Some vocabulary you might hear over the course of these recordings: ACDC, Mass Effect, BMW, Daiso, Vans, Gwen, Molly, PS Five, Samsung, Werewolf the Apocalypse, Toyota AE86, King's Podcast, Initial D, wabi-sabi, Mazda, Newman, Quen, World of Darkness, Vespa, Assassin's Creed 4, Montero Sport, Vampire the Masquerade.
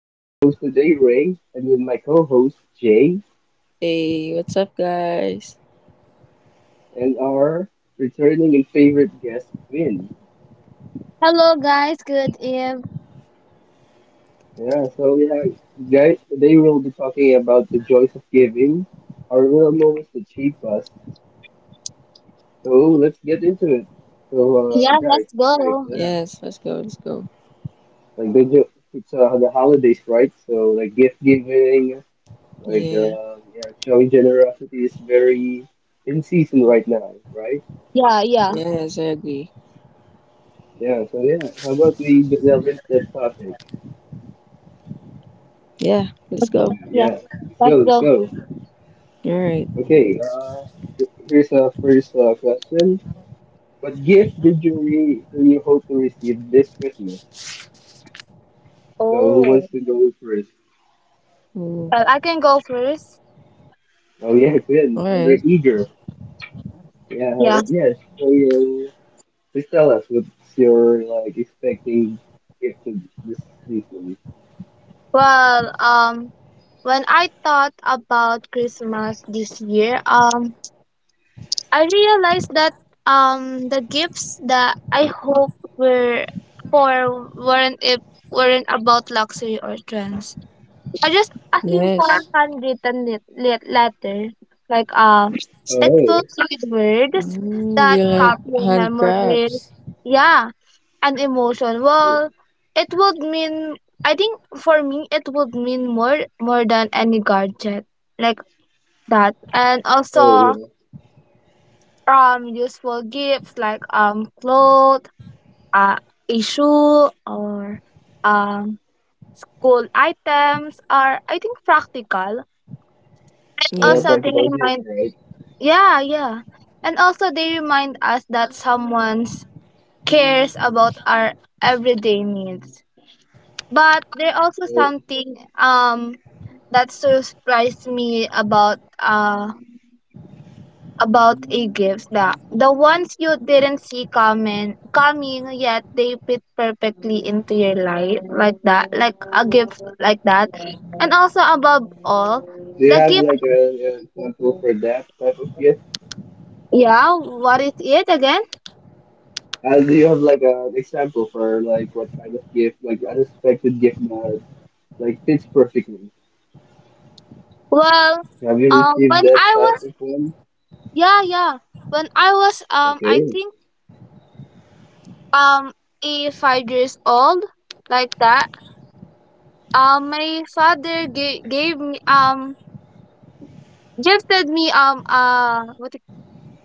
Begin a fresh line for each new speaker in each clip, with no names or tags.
I'm your host today, Ray, and with my co-host Jay
Hey, what's up, guys?
and our returning and favorite guest Quinn.
Hello, guys. Good eve.
Yeah, so yeah, guys, today we'll be talking about the joys of giving, our little moments that shape us. So let's get into it. So
Yeah,
guys,
let's
right,
go.
Yes, let's go, let's go.
like the jo- it's the holidays, right? So like gift giving.
Yeah,
Yeah, showing generosity is very in season right now, right?
Yeah, yeah.
yes, I agree.
How about we delve into that topic?
Yeah, let's
Okay.
Yeah,
go.
Yeah,
yeah, let's go,
let's
let's
go.
go.
All right.
Okay, here's our first question. What gift did you re do you hope to receive this Christmas? So who
Oh,
wants to go first?
Ooh,
well, I can go first.
all
Oh yeah,
right.
good. Very eager. Yeah, how
Yeah.
about, yeah, so uh, please tell us what's your like expecting gift of this season.
Well, when I thought about Christmas this year, I realized that the gifts that I hope were for weren't it weren't about luxury or trends. I just asking for
Yes.
a handwritten letter. Like it
Oh,
fills you with words
Mm, you
that
like
capture
hand
memories,
crafts?
yeah, and emotion.
hey.
Well, it would mean I think for me it would mean more than any gadget like that, and also
Hey,
useful gifts like clothes, uh, a shoe or um cool items are I think practical
or a
Yeah.
also they
practical gift,
remind.
right?
Yeah, yeah. And also, they remind us that someone cares about our everyday needs. But there also
So,
something that surprised me about a gifts, that the ones you didn't see coming yet they fit perfectly into your life, like that, like a gift like that, and also above all
do you
the
have
gift.
like a, an example for that type of gift?
Yeah, what is it again?
Do you have like an example for like what kind of gift, like unexpected gift that like fits perfectly?
Well,
Have you received
when
that
I
type
was,
of one?
yeah, yeah, when I was I
Okay.
think um, 8 or 5 years old, like that. My father gave gave me gifted me what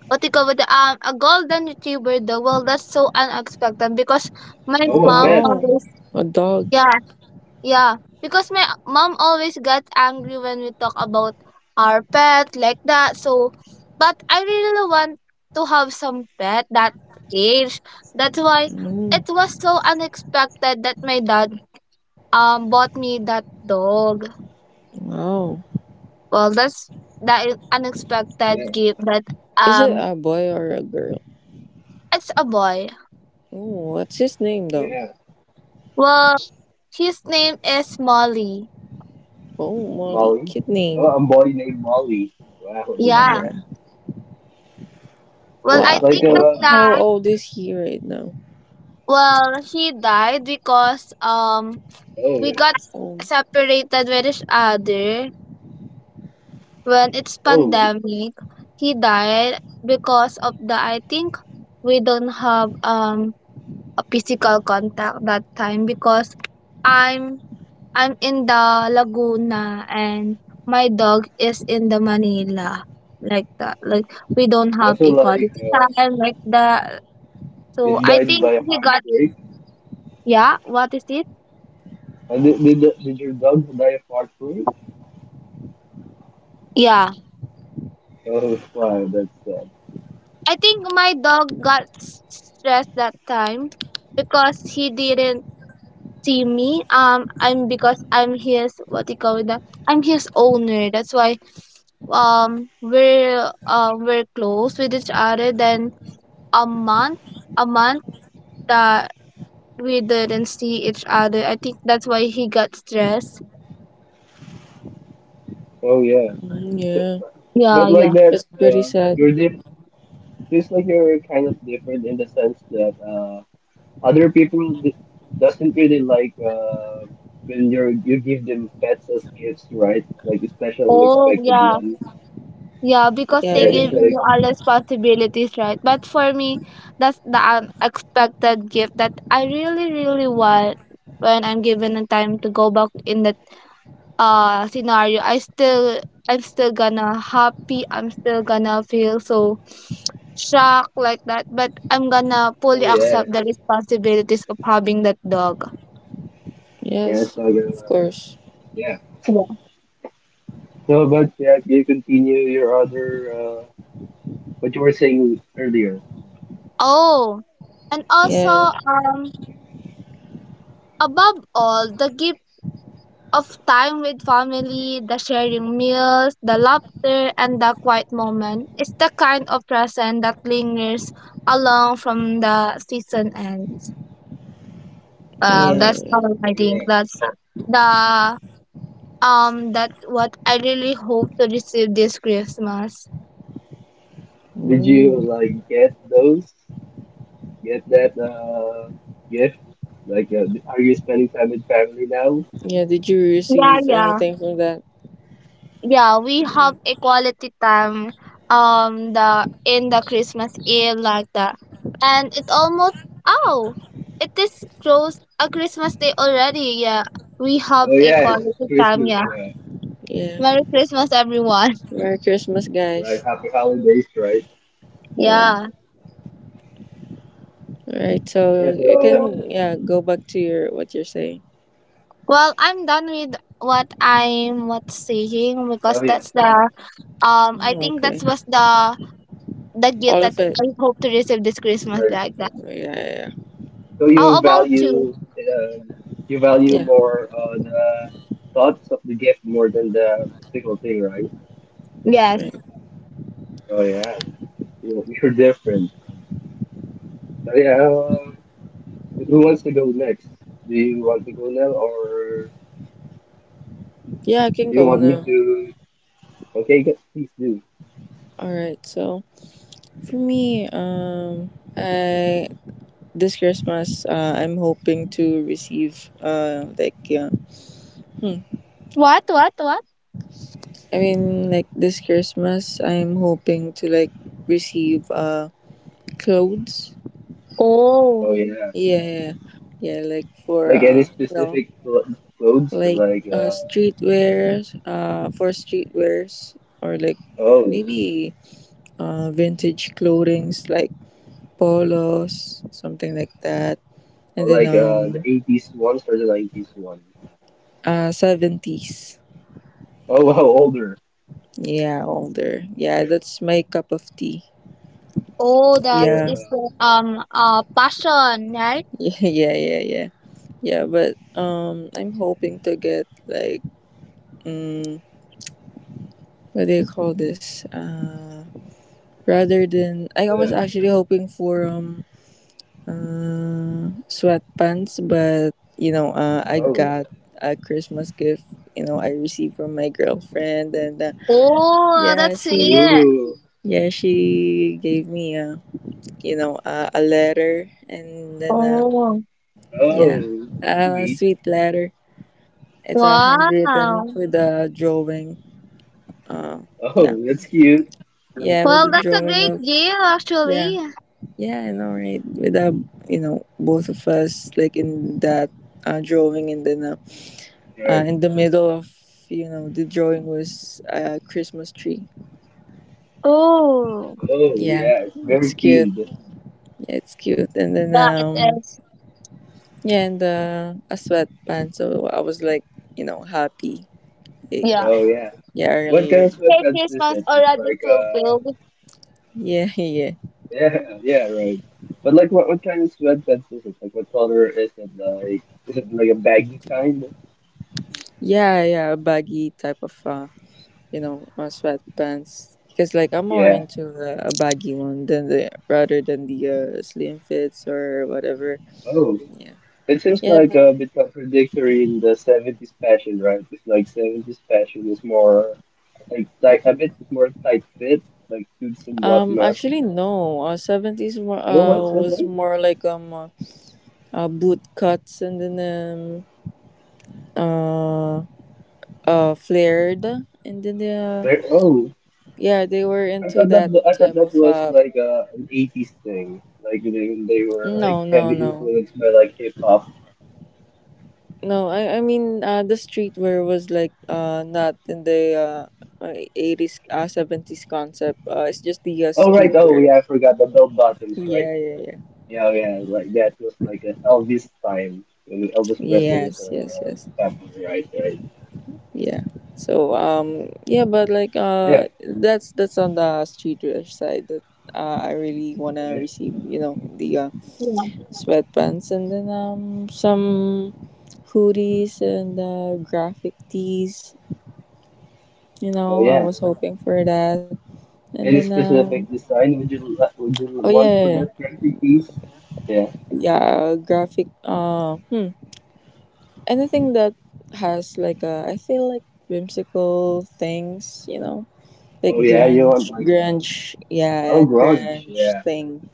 what you call it, um, a golden retriever. Though, well, that's so unexpected because my
Oh, a
mom
pet.
Wow,
always,
a dog.
yeah. Yeah, because my mom always got angry when we talk about our pet like that. So, but I really want to have some pet that cage. That's why
Mm,
it was so unexpected that my dad bought me that dog.
wow.
Well, that's, that is
Yeah.
unexpected gift that
Is it
um
a boy or a girl?
it's a boy.
Oh, what's his name
Oh,
though?
yeah.
Well, his name is Molly.
Oh, Molly,
Molly.
kid
Oh,
name.
a boy named Molly. Wow, this
Yeah.
Yeah.
Well,
oh,
I
Wow.
think that's
Oh, how
that.
old
yeah.
is he right now?
Well, he died because we
Oh,
got
Oh,
separated with each other when it's
oh.
pandemic. He died because of the, I think, we don't have a physical contact that time because I'm I'm in the Laguna and my dog is in the Manila, like that, like we don't have
Also,
a quality time like that, so
it
I
died by
think
a
he got,
heartbreak.
yeah, what is it.
And did your dog die of heartbreak?
Yeah,
Oh, wow, that's sad.
I think my dog got stressed that time because he didn't see me. I'm because I'm his, what do you call that? I'm his owner. That's why we're close with each other. Then a month that we didn't see each other. I think that's why he got stressed.
Oh, yeah.
mm,
So,
yeah.
Yeah,
but like
yeah.
that,
That's pretty sad.
you're diff. It feels like you're kind of different in the sense that other people d doesn't really like when you give them pets as gifts, right? Like a special
Oh,
unexpected
yeah.
one.
Yeah, because
Yeah,
they
Yeah,
yeah,
it's
give
yeah.
like
you all responsibilities, right? But for me, that's the unexpected gift that I really, really want. When I'm given a time to go back in that scenario, I still, I'm still gonna happy, I'm still gonna feel so shocked like that, but I'm gonna fully
oh yeah,
accept the responsibilities of having that dog.
yeah, it's
Yes,
like
of course.
yeah.
Yeah.
No, but yeah, you continue your other what you were saying earlier.
Oh, and also
Yeah,
um above all, the gift of time with family, the sharing meals, the laughter, and the quiet moment. It's the kind of present that lingers along from the season ends.
yeah,
That's how
yeah.
I think.
Yeah.
That's the That's what I really hope to receive this Christmas.
Did you
Mm.
like get those? Get that gift? Like, are you spending time with family now?
Yeah, did you
Yeah,
receive
yeah.
anything from that?
Yeah, we
Yeah,
have a quality time, the in the Christmas Eve like that, and it almost, oh, it is close a Christmas day already. Yeah, we have
Oh
a
yeah, it's
quality time.
Christmas
Yeah,
now,
yeah.
merry Christmas everyone.
Merry Christmas,
right?
guys.
Happy holidays, right?
Yeah.
Yeah,
All right, so
Yeah, so
you
yeah,
so,
can yeah go back to your what you're saying.
well, I'm done with what I'm what saying
oh
because
yeah,
that's the, I
Oh,
think that
okay.
was the gift
All of
that
it.
I hope to receive this Christmas,
right.
like that.
Yeah, yeah, yeah.
So
How about you?
um, you value
Yeah,
more the thoughts of the gift more than the physical thing, right?
Yes,
right.
Oh yeah, you're different. So yeah, who wants to go next? Do you want to go now, or
Yeah. I can
do you
go
want me
now.
to? Okay, please do.
All right. So for me, I this Christmas, I'm hoping to receive. Hmm,
what.
I mean, like this Christmas, I'm hoping to like receive clothes.
Oh,
Oh yeah.
Yeah, yeah, yeah, like for
Like any specific cl clothes,
like
like
streetwear, for streetwears, or like
oh,
maybe vintage clothings like polos, something like that, and then
like the 80s ones or the 90s one?
seventies.
Oh, wow, older.
Yeah, older. Yeah,
Yeah.
that's my cup of tea.
oh,
You're
that's
Yeah,
is the, passion, right?
yeah, yeah, yeah, yeah. Yeah, but I'm hoping to get like mm, what do you call this? Rather than I
yeah.
was actually hoping for sweatpants, but I
Oh,
got a Christmas gift. You know, I received from my girlfriend, and
Oh,
yeah,
that's
she
it.
ooh,
yeah she gave me a letter, and then
Oh,
yeah
oh, that's
a
sweet.
sweet letter. It's a handwritten
wow.
with a drawing. Um, yeah,
Oh, that's cute.
yeah, with
Well,
the
that's a
drawing
great
of,
game
yeah,
actually.
yeah, I know, right? With both of us, like, in that drawing, and then
Right.
in the middle of the drawing was a Christmas tree.
Oh,
Oh,
Yeah,
yeah, it's
it's
very
cute.
themed.
Yeah, it's cute, and then
that is,
yeah, and a sweatband. So I was like, happy.
yeah.
Like,
Oh, yeah.
yeah,
What kind
earlier.
of
Say
sweatpants is
Christmas
it? It's
already
like
fulfilled.
Yeah, yeah,
yeah, yeah, right. But like, what kind of sweatpants is it? Like, what color is it? Like, is it like a baggy kind?
yeah, yeah. A baggy type of sweatpants. Because like I'm more
Yeah.
into a baggy one than the rather than the slim fits or whatever.
Oh.
Yeah,
It seems
yeah,
like
but
a bit contradictory in the 70s fashion, right? It's like 70s fashion is more like a bit more tight fit, like suits and whatnot.
actually no. Seventies, more
Oh,
was more like boot cuts, and then um uh flared, and then
Where? Oh,
yeah, they were into that
I thought
type
that
of
was like an 80s thing, like they, when they were like
no,
heavy
no, no.
influenced by like hip hop.
No, I mean the streetwear was like not in the eighties, seventies concept. It's just the
Oh right, oh
streetwear.
yeah, I forgot the bell bottoms, right?
Yeah, yeah, yeah.
Yeah, oh, yeah, like that was like an Elvis time when Elvis Presley was
Yes, yes, yes.
popular, right? Right.
Yeah. So yeah, but like
Yeah.
that's on the streetwear side that I really wanna
yeah.
receive. You know, the
Yeah.
sweatpants, and then some hoodies and graphic tees. You
Oh
know, I
yeah.
was hoping for that, and then
Any specific design would would you
Oh yeah,
want for
yeah,
that
yeah.
character piece? Yeah.
Yeah, graphic. Uh hmm. Anything that has like a, I feel like, whimsical things, you know, like
Oh yeah, you want
grunge,
like a
grunge. Yeah,
oh grunge, yeah.
grunge thing,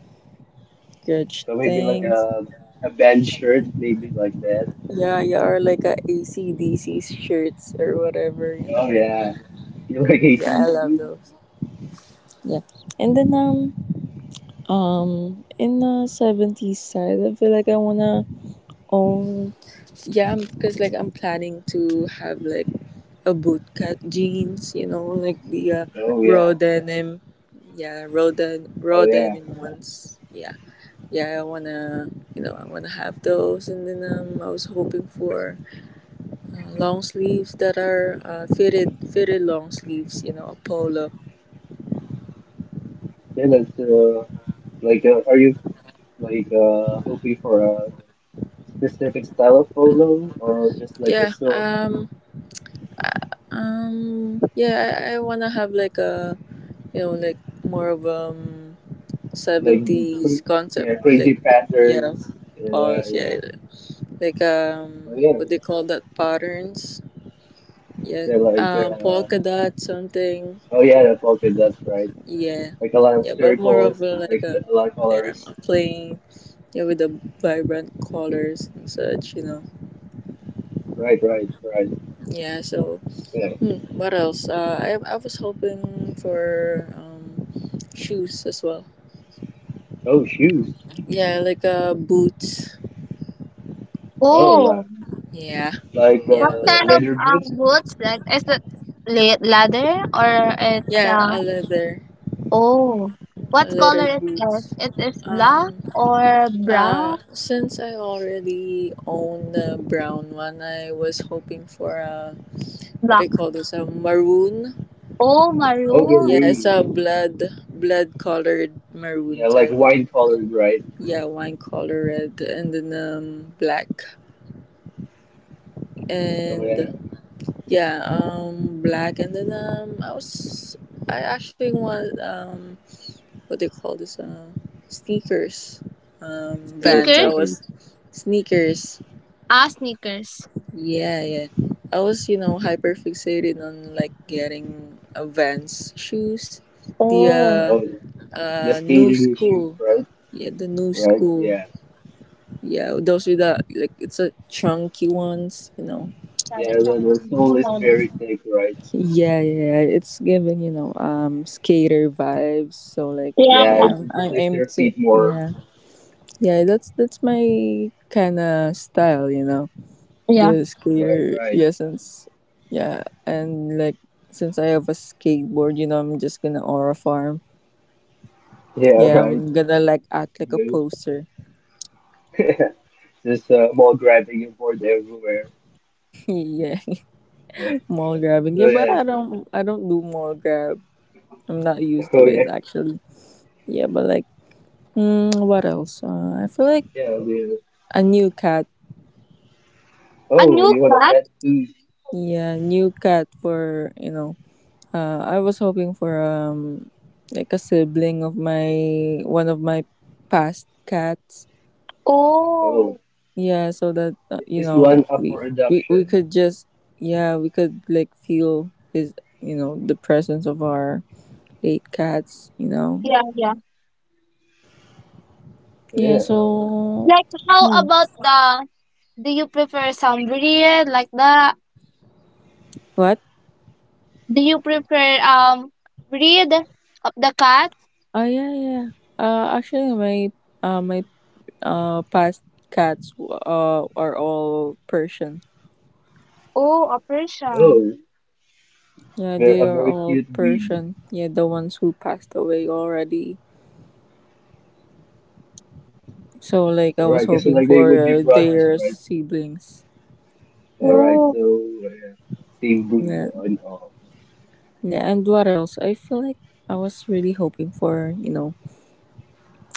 grunge
So maybe like
things.
a band shirt, maybe like that.
Yeah, yeah, or like a AC/DC shirts or whatever, you
Oh
know.
yeah. You like
Yeah, I love
AC/DC?
those. Yeah, and then in the 70s side, I feel like I wanna own. Yeah, because like I'm planning to have like a bootcut jeans, you know, like the
Oh
raw
yeah.
denim. Yeah, raw
Oh yeah.
denim ones. Yeah, yeah, I wanna have those. And then I was hoping for long sleeves that are fitted long sleeves, you know, a polo.
Then that's like are you like hoping for a specific style of polo or just like a
Yeah,
sort of
yeah, I wanna have like a, you know, like more of
like cra
70s concept,
yeah
like,
crazy
yeah,
patterns? Yeah
balls,
yeah.
yeah, like
Oh yeah.
what they call that patterns, yeah,
Yeah like.
polka dot something,
Oh yeah, the Falcon, that's right.
yeah,
Like a lot of
yeah, but more of
circles,
a, like
like
a,
a lot of
yeah,
colors.
a plain, yeah, with the vibrant colors and such, you know,
Right, right, right.
yeah. So
Yeah.
what else? I was hoping for shoes as well,
Oh, shoes.
yeah, like boots,
Oh, wow.
Oh,
yeah,
Like
yeah.
what
What's
kind
up?
of
leather boots.
boots, like, is it? Leather or it?
Yeah, a leather
Oh,
a
what color
leather
it
boots.
is? It is
um
black or brown?
Since I already own a brown one, I was hoping for a, what do you
Black.
call this? A maroon.
Oh,
Oh, yeah,
Yeah,
maroon.
it's
really.
a blood colored maroon
Yeah, like
type.
wine colored, right?
Yeah, wine color red, and then black,
Oh yeah.
and yeah, black, and then I was I actually want what do you call this? Sneakers.
Oh,
Vans.
Sneaker?
I was
sneakers.
sneakers.
Ah, sneakers.
Yeah, yeah. I was, hyper fixated on like getting a Vans shoes, the
Oh.
Oh, the
new
skating shoes,
school.
right?
Yeah, the new
Right.
school.
Yeah.
Yeah, those with the like, it's a chunky ones, you know.
Yeah,
Yeah,
that's actually
the
new
sole is
one.
very thick, right?
Yeah, yeah. It's giving, skater vibes. So like,
Yeah.
Yeah,
yeah, I'm,
it
I'm
protects your
amped.
feet more.
Yeah, yeah. That's my kind of style, you know. The
Yeah.
skater,
Right, right.
yeah. Since yeah, and like, since I have a skateboard, you know, I'm just gonna aura farm,
Yeah,
yeah.
right.
I'm gonna like act like a
Yeah.
poster.
Just ball grabbing and board everywhere.
Yeah,
Yeah.
mall grabbing,
Oh
yeah, but
yeah.
I don't, I don't do mall grab. I'm not used
Oh
to
yeah.
it, actually. Yeah, but like, what else? I feel like
Yeah. They,
a new cat,
A
oh,
new
you want a
class?
pet? Mm.
yeah. New cat, for you know, I was hoping for like a sibling of my one of my past cats.
Oh,
Oh.
Yeah, so that
it
you
is
know,
one up
we
for
we, we
adoption.
could just, yeah, we could like feel his, you know, the presence of our late cats, you know.
Yeah, yeah.
So
Yeah.
yeah.
So
Like, how
hmm,
about the, do you prefer some breed like that?
what?
Do you prefer breed of the cat?
Oh yeah, yeah, actually my my past cats are all Persian.
Oh, a Persian.
Oh,
Yeah,
they're
they
a
are
very
all
cute breed.
Persian, yeah, the ones who passed away already. So like I was
Right. Because
hoping
like they
for
would be brothers,
their
right?
siblings.
All
Yeah,
right.
Oh.
So yeah, same breed
yeah.
and all.
Yeah, and what else? I feel like I was really hoping for, you know,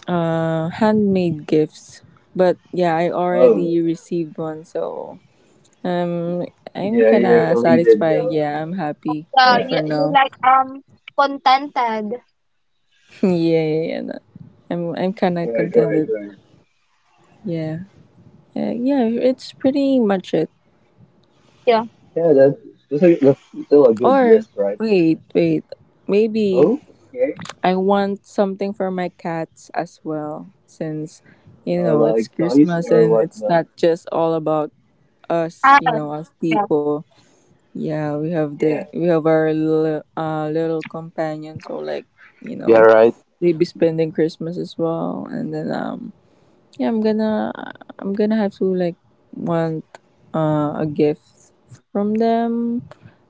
handmade gifts. But yeah, I
Oh,
already received one, so um I'm
yeah.
kind
You're
of
elated
satisfied.
now.
Yeah, I'm happy,
Yeah,
like,
Yeah.
you,
for
you
now.
like contented.
Yeah, yeah, yeah. No. I'm kind of
Right. Right.
contented.
Right.
Yeah. Yeah, it's pretty much it.
Yeah.
Yeah. A, that's still a good
Or
list, right?
wait, wait. Maybe
Oh. Okay.
I want something for my cats as well, since you know, it's
Like toys
Christmas
or
and it's
whatnot.
not just all about us,
Ah,
you know, us
yeah.
people. Yeah, we have the
Yeah.
we have our little little companion, so like, you
Yeah.
know,
Right.
we be spending Christmas as well, and then yeah, I'm gonna, I'm gonna have to like want a gift from them.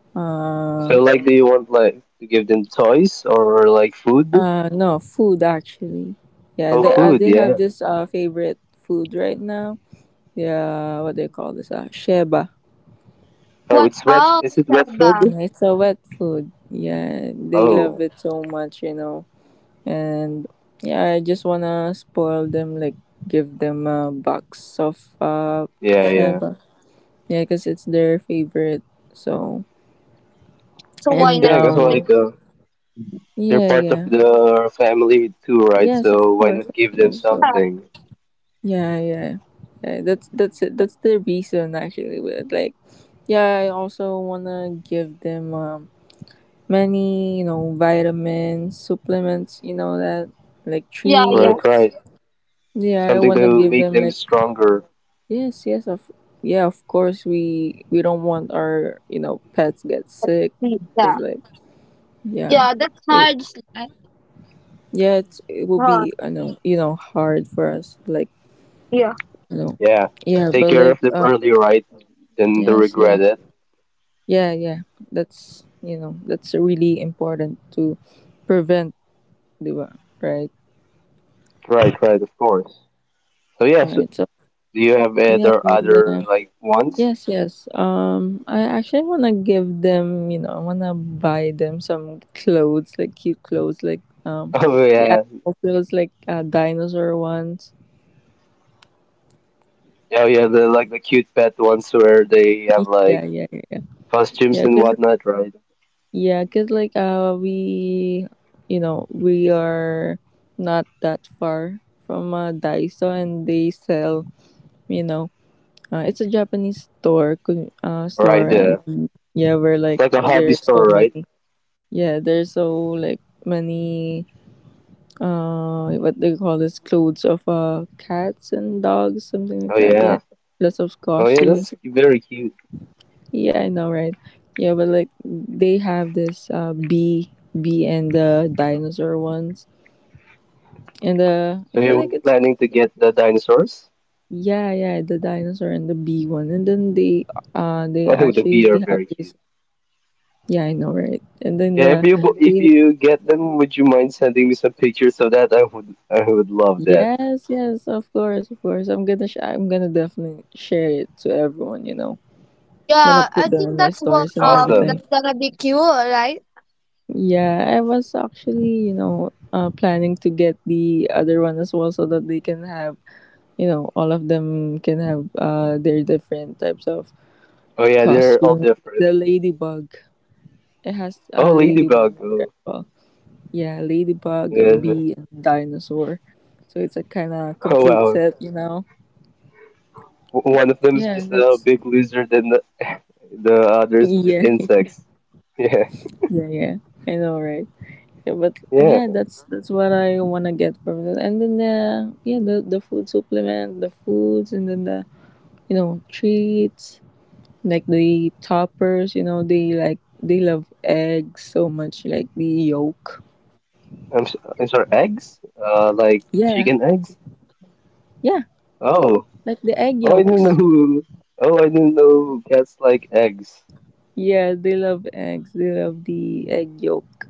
Uh,
So, like, do you want like to give them toys or like food?
No, food, actually. Yeah,
Oh,
Oh,
food,
they have
yeah.
this favorite food right now. Yeah, what they call this? Sheba.
Oh,
what
it's wet. Is
else?
it wet
Saba.
food?
Yeah, it's a wet food. Yeah, they love
Oh,
it so much, you know. And yeah, I just wanna spoil them, like give them a box of
yeah,
sheba. Yeah, cause it's their favorite. So
So why
and
not?
Yeah. Because
English?
like they're
yeah,
part of
yeah,
the family too, right?
yes, of
So why
course,
not
of
give them
course. So.
something?
Yeah, yeah, yeah. That's it. That's the reason, actually. With like, yeah, I also wanna give them many, you know, vitamins, supplements, you know, that like
Yeah, yeah,
Right,
treats.
right.
Yeah, I
Something
wanna
to
give
make
them,
them
like,
stronger.
yes, yes of, yeah. Of course, we don't want our, you know, pets get
that's,
sick because
yeah,
like, yeah,
yeah. That's
it,
hard,
yeah, it's, it will be,
hard.
I know, you know, hard for us, like,
Yeah,
you know.
Yeah.
Yeah,
Take
but
care of
like,
them early, right? Then they
yes,
regret
yes.
it.
Yeah, yeah. That's, you know, that's really important to prevent, di ba? Right?
Right, right. Of course. So
All
yeah.
right.
So,
So,
do you have
yeah,
other
and, uh,
other like wants?
yes, yes. I actually want to give them, you know, I want to buy them some clothes, like cute clothes, like
Oh
the
yeah.
animal clothes, like dinosaur ones.
Oh yeah, the like the cute pet ones where they have like
Yeah, yeah, yeah, yeah.
costumes
Yeah,
and
cause,
whatnot, right?
yeah, cause like we, you know, we are not that far from Daiso, and they sell, you know, it's a Japanese store, store,
Right,
and
yeah.
yeah, where
It's
like
like a hobby
there's
store,
so
right?
many, yeah, there's so like many what they call this, clothes of cats and dogs, something
Oh
like that, yeah,
yeah.
lots of
Oh yeah, that's
costumes,
very cute.
yeah, I know, right? Yeah, but like they have this bee and the dinosaur ones, and I
So
feel
you're
like it's,
planning to get the dinosaurs?
yeah, yeah, the dinosaur and the bee one, and then they
Oh, the
actually
bee are
have
very
this.
cute.
Yeah, I know, right? And then
Yeah,
the
if
lady,
you get them, would you mind sending me some pictures of that? I would love that.
yes, yes, of course, of course. I'm gonna, I'm gonna definitely share it to everyone. You know, gonna
yeah. I
put them
think
on my
that's what,
stories and
Awesome.
everything.
that's gonna be cure, right?
Yeah, I was actually, you know, planning to get the other one as well, so that they can have, you know, all of them can have their different types of
Oh yeah, they're all
costume.
different.
The ladybug, it has a
Oh,
ladybug
ladybug.
in there
Oh,
as well. Yeah, ladybug, a
yeah.
bee, and dinosaur. So it's a kind of
Oh
complete
wow.
set, you know?
One of them is
Yeah,
just a
that's
big lizard, and the others just
yeah,
insects.
yeah, yeah. I know, right? Yeah, but
Yeah,
yeah,
yeah.
that's what I wanna get from it. And then the, yeah, the food supplement, the foods, and then the, you know, treats, like the toppers. You know, they like they love eggs so much, like the yolk.
I'm sorry, eggs? Like
Yeah,
chicken eggs?
yeah,
Oh,
like the egg
oh, I didn't
yolks.
know who. Oh, I didn't know cats like eggs.
Yeah, they love eggs. They love the egg yolk.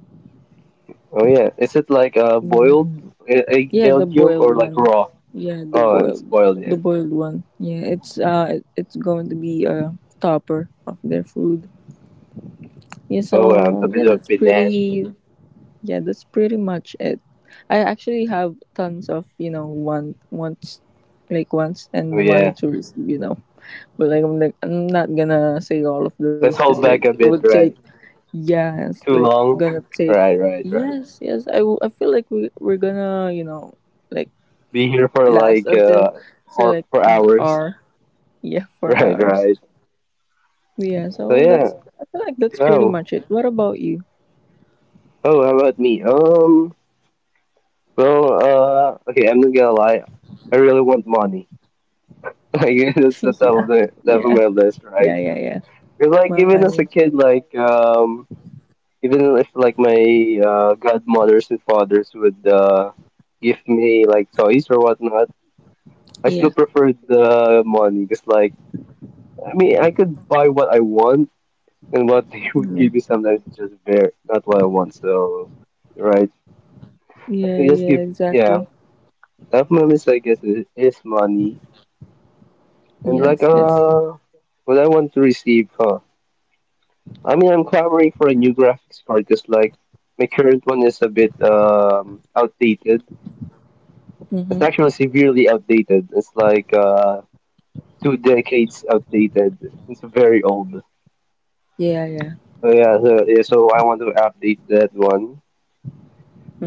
Oh yeah, is it like
Yeah.
boiled egg
Yeah, the
egg yolk
boiled
or like
one.
raw?
Yeah, the
Oh, it's
boiled
boiled, yeah.
the boiled one. Yeah, it's it's going to be a topper of their food. Yeah,
Oh, a
so
bit of panache.
yeah, that's pretty much it. I actually have tons of, you know, wants, like wants
Oh
and
yeah,
wanted to receive, you know. But like I'm not gonna say all of those
let's
because
hold
like
back
it
a
would
bit,
take.
right?
Yeah, it's
Too
like
long.
gonna take.
Right, right, right.
Yes, yes. I feel like we're gonna, you know, like
Be here for
last
like
until, so
or
like
for
an
hours.
hour. Yeah, four
Right,
hours.
right.
Yeah,
So
so
yeah.
that's, I feel like that's pretty
No.
much it. What about you?
Oh, how about me? Well, okay, I'm not gonna lie. I really want money. Like, that's
Yeah,
the
yeah,
top of my list,
yeah,
right?
yeah, yeah.
Because like even
Money.
as a kid, like even if like my godmothers and fathers would give me like toys or whatnot, I still
Yeah,
preferred the money because like I mean I could buy what I want, and what they would
yeah,
give me sometimes is just bare, not what I want. So, right?
yeah,
You just
yeah.
give,
Exactly.
yeah. Top moments, I guess, is money. And like,
Yes, yes.
what I want to receive, huh? I mean, I'm clamoring for a new graphics card because, like, my current one is a bit, outdated. It's
Mhm.
actually severely outdated. It's like, two decades outdated. It's very old.
Yeah, yeah.
So yeah, so, yeah, so I want to update that one.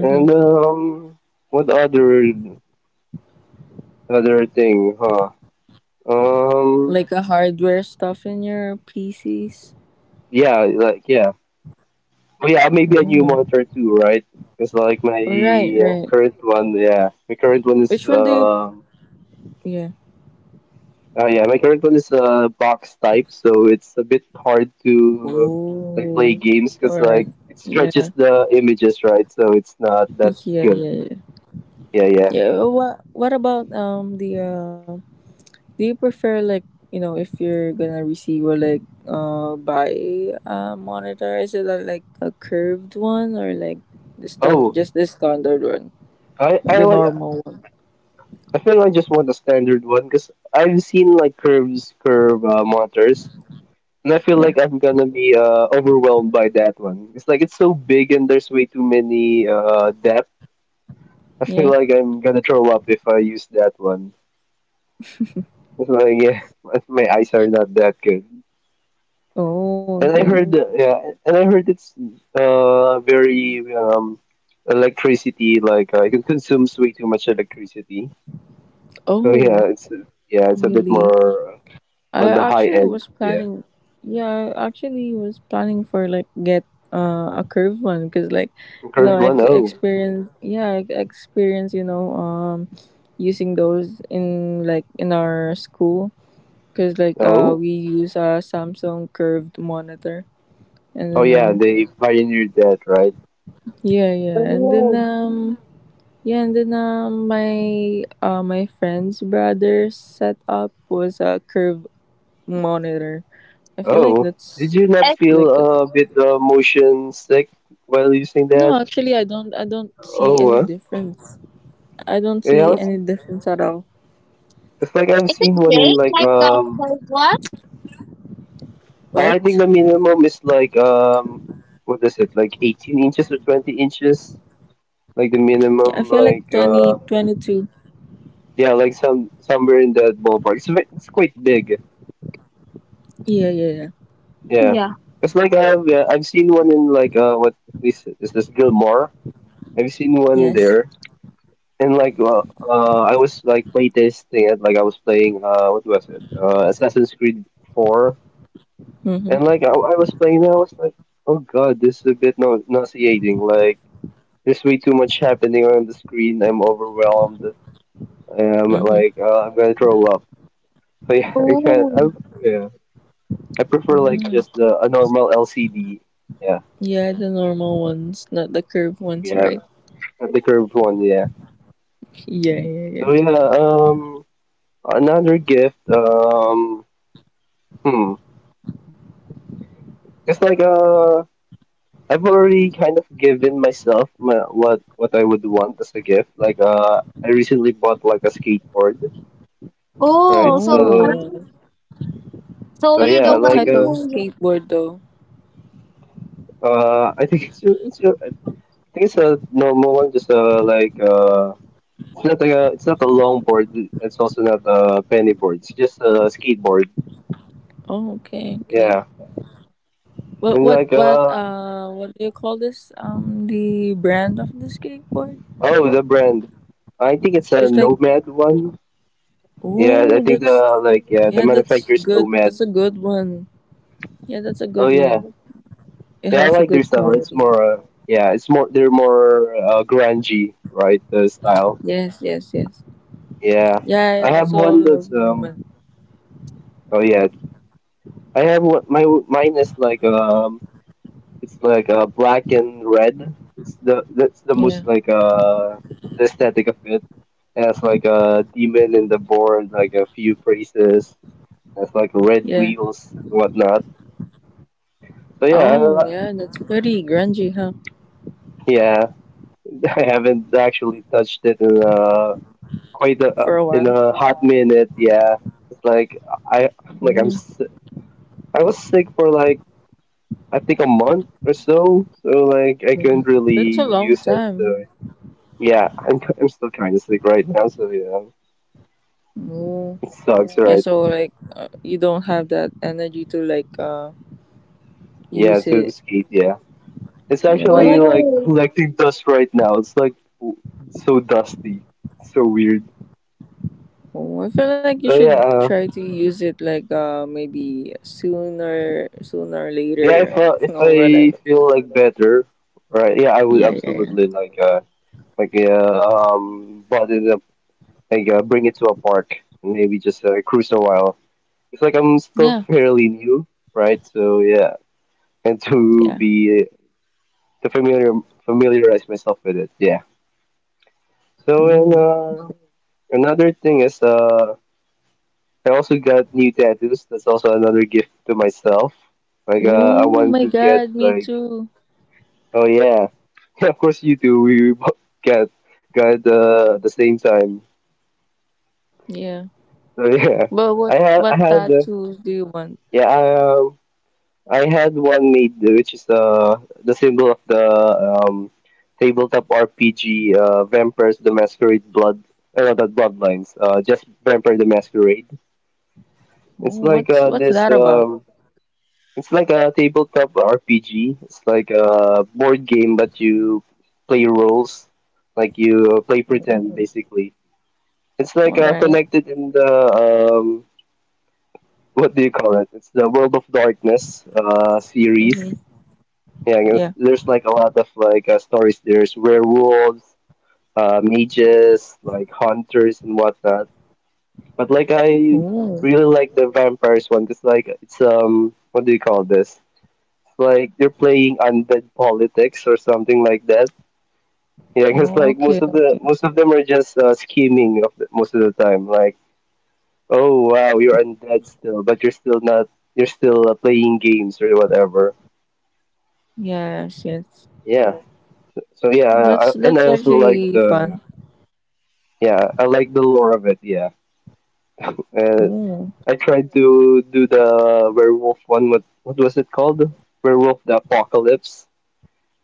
And, what other, other thing, huh? Um,
Like a hardware stuff in your PCs.
yeah, like, yeah. But yeah, maybe a new
Oh.
monitor too, right? Because like my
Right, right.
my current one is
Which one do you? Yeah.
box type, so it's a bit hard to like
Oh.
play games
All
because
right.
like it
Yeah.
stretches the images, right? So it's not that
Yeah, yeah,
good.
yeah.
Yeah, yeah.
Yeah, what about the do you prefer like, you know, if you're gonna receive or like buy a monitor, is it like a curved one, or like the stand
Oh,
just the standard one,
I
like the
like.
normal one?
I feel like I just want a standard one because I've seen like curve monitors. And I feel
Yeah,
like I'm gonna be overwhelmed by that one. It's like it's so big and there's way too many depth. I feel
yeah.
like I'm gonna throw up if I use that one. It's like yeah, my eyes are not that good.
Oh,
And I
okay.
heard the yeah, and I heard it's very electricity like it consumes way too much electricity. So
Oh,
yeah, it's a bit
really?
more
I
on the high
actually
end.
was
Yeah,
planning, yeah, I actually was planning for like get a curved one, because like, you know,
current
I
one oh
experience, yeah, experience, you know, using those in like in our school, because like
no
we use a Samsung curved monitor, and
oh
then
yeah, they pioneered that right.
yeah, yeah, and then
Oh,
yeah, and then my friend's brother set up was a curved monitor. I feel like
Oh, did
that's
you not
is,
like
feel a bit motion sick while using
no,
that?
actually, I don't. I don't see any
Oh,
difference. I don't
yeah,
see
I was,
any difference at all.
it's like I've
is
seen
it
one in
fake
like
like that
um.
first one?
I think
What?
the minimum is like what is it? Like 18 inches or 20 inches? Like the
Yeah, I feel like
minimum, like
twenty twenty two.
yeah, like somewhere in that ballpark. It's it's quite big.
Yeah, yeah, yeah.
Yeah,
Yeah.
it's like I've yeah, I've seen one in like what is it? Is this Gilmore? I've seen one
Yes.
there. And like I was like playtesting it, like I was playing what was it? Assassin's Creed 4.
Mhm.
And like I was playing that, I was like, "Oh god, this is a bit no nauseating. Like there's way too much happening on the screen. I'm overwhelmed. I'm
Mhm.
like I'm gonna throw up." So yeah, I can I
Oh,
yeah. I prefer like
Mm.
just the a normal LCD. Yeah.
Yeah, the normal ones, not the curved ones,
Yeah. Yeah.
right?
Not the curved one, yeah.
Yeah, yeah, yeah.
So yeah, um another gift. Hmm it's like I've already kind of given myself my, what I would want as a gift. Like I recently bought like a skateboard, right?
oh. So
Oh.
I
So
think
What
so.
so
You're
what
yeah,
the
type
one
like
of
who. Yeah.
skateboard though?
I think I think it's a normal one, just like it's not like a it's not a long board. It's also not a penny board. It's just a skateboard.
Oh, okay, okay.
Yeah,
What what
and
what
like
uh what do you call this? The brand of the skateboard?
oh, the brand, I think it's a
Cause like,
Nomad one. Yeah, I
oh,
think the
that's
like yeah
yeah,
the
that's
manufacturer is
good. That's
Nomad.
a good one. Yeah, that's a
Oh
good
yeah.
one. It
Yeah, I
has a
like their
good
style. It's
quality.
more, yeah, it's more. They're more grungy, right? The style.
Yes, yes, yes.
Yeah,
Yeah,
I
I
have
also
one that's
love
um.
Newman.
Oh yeah, I have one. My mine is like. It's like black and red. It's the that's the most
Yeah,
like the aesthetic of it. It has like a demon in the board, like a few praises. That's like red
yeah.
wheels and whatnot. So yeah,
Oh, yeah, that's pretty grungy, huh?
yeah. I haven't actually touched it in quite a,
For a
in
while.
a hot minute. Yeah, it's like I like
Ooh,
I was sick for like I think a month or so, so like I couldn't really
that's a
use
long
it. So
time.
yeah, I'm still kind of sick right now. So yeah,
Ooh.
it sucks. Yeah,
Yeah,
right?
so like, you don't have that energy to like
Yeah,
use
to
it.
skate. Yeah, it's
Yeah,
actually
but like.
like
Oh,
collecting dust right now. It's like w- so dusty, so weird.
Oh, I feel like you
So yeah,
should try to use it like maybe sooner or
yeah.
later
If
or
I
whatever.
feel like better, right? Yeah, I would
Yeah, yeah, yeah.
absolutely like. Like but it up like bring it to a park and maybe just cruise a while, it's like I'm still
Yeah,
fairly new, right? So yeah, and to
yeah.
be to familiar familiarize myself with it, yeah. So and
Mm.
another thing is I also got new tattoos. That's also another gift to myself. Like I
Oh
want to
my
get
god, me
like
too.
oh yeah. Yeah, of course you do, we both got got at the same time,
Yeah.
so yeah.
But what
I
what
had the,
tattoos do you want?
yeah, I had one made, which is the symbol of the tabletop RPG, Vampires the Masquerade Blood, not that Bloodlines, just Vampire the Masquerade. It's
Oh,
like
what's
this,
that about?
it's like a tabletop RPG. It's like a board game, but you play roles, like you play pretend,
Oh,
basically. It's like
all right.
connected in the what do you call it? It's the World of Darkness series.
Mm-hmm.
Yeah, I guess
Yeah.
there's like a lot of like stories. There's werewolves, mages, like hunters and whatnot. But like I
Oh.
really like the vampires one because like it's what do you call this? It's like you're playing undead politics or something like that. Yeah, because like
Okay, okay.
most of them are just scheming most of the time. Like oh wow, you're undead still, but you're still not. You're still playing games or whatever.
Yes, yes.
Yeah. So yeah,
That's
and
that's
I also like
actually
the,
fun.
yeah, I like the lore of it. Yeah, uh,
Oh.
I tried to do the werewolf one. What was it called? Werewolf the Apocalypse,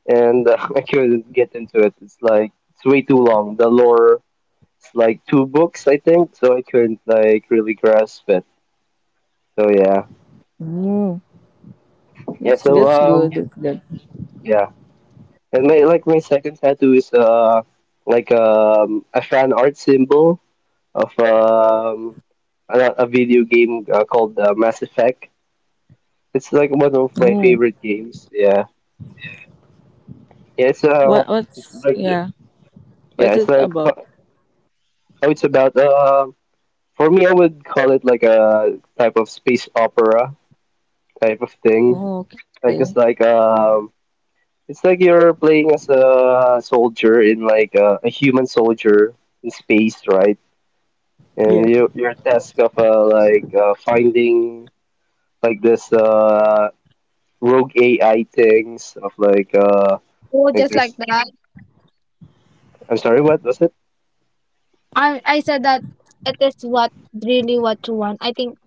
and I couldn't get into it. It's like it's way too long. The lore is like two books, I think, so I couldn't like really grasp it. So yeah,
Oh.
yeah.
That's
So
that's good. That's good.
yeah, and my second tattoo is like a fan art symbol of a video game called Mass Effect. It's like one of my
Oh.
favorite games. Yeah, yeah. It's
What
it's
what's
like
yeah?
yeah,
What's
it's
it
like oh,
about?
it's about for me, I would call it like a type of space opera type of thing.
Oh, okay.
Like it's like it's like you're playing as a soldier in like a human soldier in space, right? And
Yeah.
you your task of like finding like this rogue AI things of
oh,
like
just like
there's
that.
I'm sorry, what was it?
I said that it is what really what you want. I think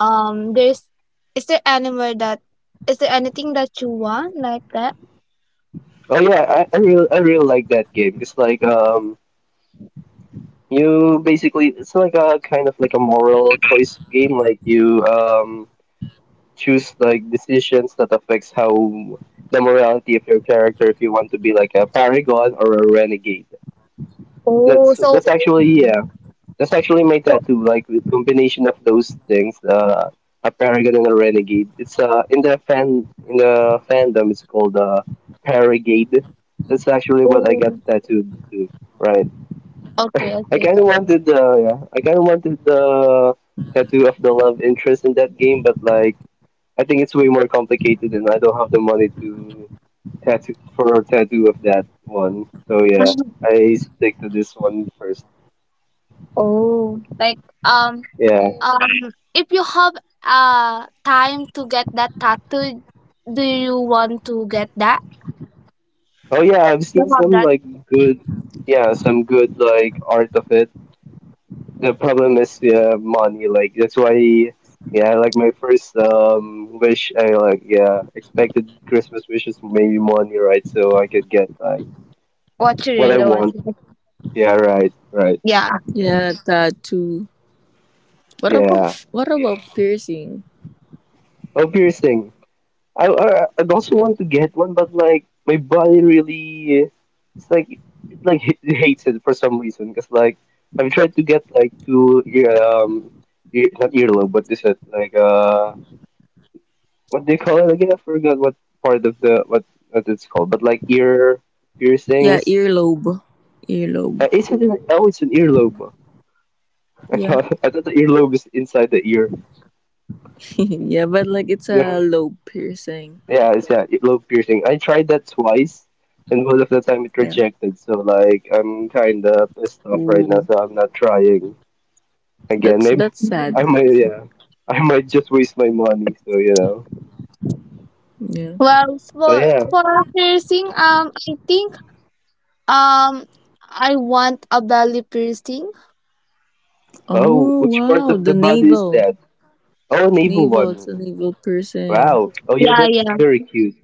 there's, is there anywhere that, is there anything that you want like that?
Oh yeah, I really like that game. It's like you basically it's like a kind of like a moral choice game. Like you choose like decisions that affects how the morality of your character if you want to be like a paragon or a renegade.
Oh,
That's
so.
that's actually yeah. That's actually my tattoo, like the combination of those things, a paragon and a renegade. It's in the fandom it's called paragade. That's actually what I got
Oh,
tattooed to, right?
okay,
I
okay.
kinda wanted the yeah, I kinda wanted the tattoo of the love interest in that game, but like I think it's way more complicated and I don't have the money to tattoo for a tattoo of that one. So yeah,
Mhm.
I stick to this one first.
Oh, like um
Yeah.
um if you have time to get that tattoo, do you want to get that?
Oh yeah, I've
To
seen
have
some
that
like good, yeah, some good like art of it. The problem is yeah, money. Like that's why, yeah, like my first wish, I like yeah expected Christmas wishes maybe money, right? So I could get like
what you
what I
really want to
want.
get.
Yeah, right, right.
Yeah.
Yeah, tattoo. What about
Yeah.
what about piercing?
Oh, piercing. I'd also want to get one, but like my body really, it's like it hates it for some reason. Because like I've tried to get like two ear ear, not earlobe, but this is like what they call it again? I forgot what part of the what it's called, but like ear
Yeah,
piercings.
earlobe. Earlobe.
Is it an, oh, it's an earlobe.
Yeah.
I thought the earlobe is inside the ear.
Yeah, but like it's
Yeah.
a lobe piercing.
Yeah, it's yeah, low piercing. I tried that twice, and both of the time it
Yeah.
rejected. So like, I'm kind of pissed off right now.
Ooh.
So I'm not trying again.
That's
Maybe
that's
I
sad.
might, yeah, I might just waste my money. So you know.
Yeah.
Well,
So yeah.
for a piercing, I think um, I want a belly piercing.
Oh,
Oh
which part of
wow,
the
the
body is
navel.
that? Oh, an evil
Navel, it's a
one.
navel piercing.
Wow. Oh yeah,
Yeah,
that's
yeah.
very cute.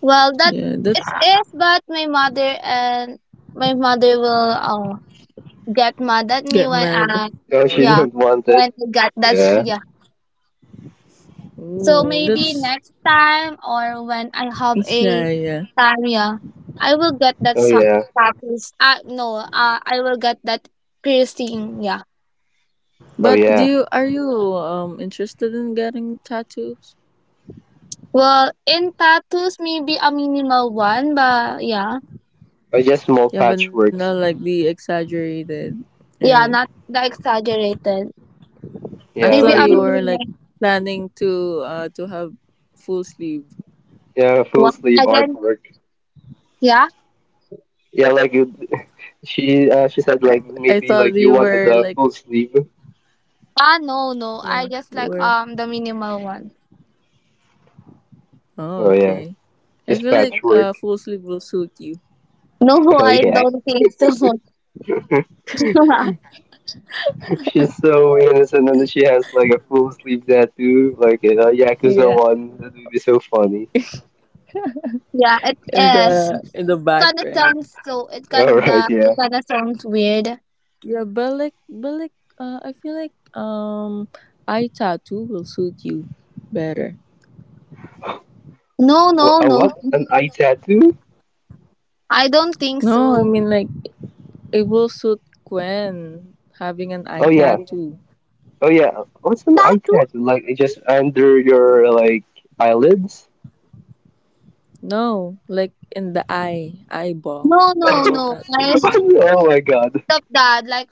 Well, that
Yeah,
it
that's
is, but my mother will get mad at me
get
when
mad.
I,
Oh, she
yeah,
didn't want it.
when I get that,
Yeah.
yeah. So
Ooh,
maybe
that's
next time or when I have
yeah,
a
yeah.
time, yeah, I will get that
Oh
sa-
yeah.
tattoos. No, I will get that piercing, yeah.
Oh
But do
yeah.
you are you interested in getting tattoos?
Well, in tattoos, maybe a minimal one, but yeah,
Oh, just small
Yeah, but not like
patchworks.
the exaggerated, right?
yeah, not the exaggerated.
I thought
Yeah,
you
Maybe
like
a
were like
minimal
planning to have full sleeve.
yeah, full
one.
sleeve
Again,
artwork.
yeah.
Yeah, like you, she said
I,
like
I
maybe like
thought
you
you
wanted
were
a
like,
full sleeve.
Ah, no,
yeah,
no.
you
I
were.
just like the minimal one.
Oh,
Oh
okay.
yeah,
I feel like
just
full
patchwork.
sleeve will suit you.
No,
Oh
I
yeah,
don't think so.
she's so innocent and she has like a full sleeve tattoo, like a Yakuza
Yeah.
one. That would be so funny.
Yeah, it
In
is.
the in the back,
Kinda
right?
sounds so. It
All
kinda,
right,
it
yeah.
kinda sounds weird.
Yeah, but like, I feel like eye tattoo will suit you better.
No, no,
A
no.
what? An eye tattoo?
I don't think
No, I
so.
mean like. It will suit Gwen having an eye
Oh yeah,
tattoo.
oh yeah. What's an eye
Tattoo?
tattoo? Like just under your like eyelids?
No, like in the eye, eyeball,
No, no,
eyeball
no.
tattoo.
I
Oh my god.
stop that. Like,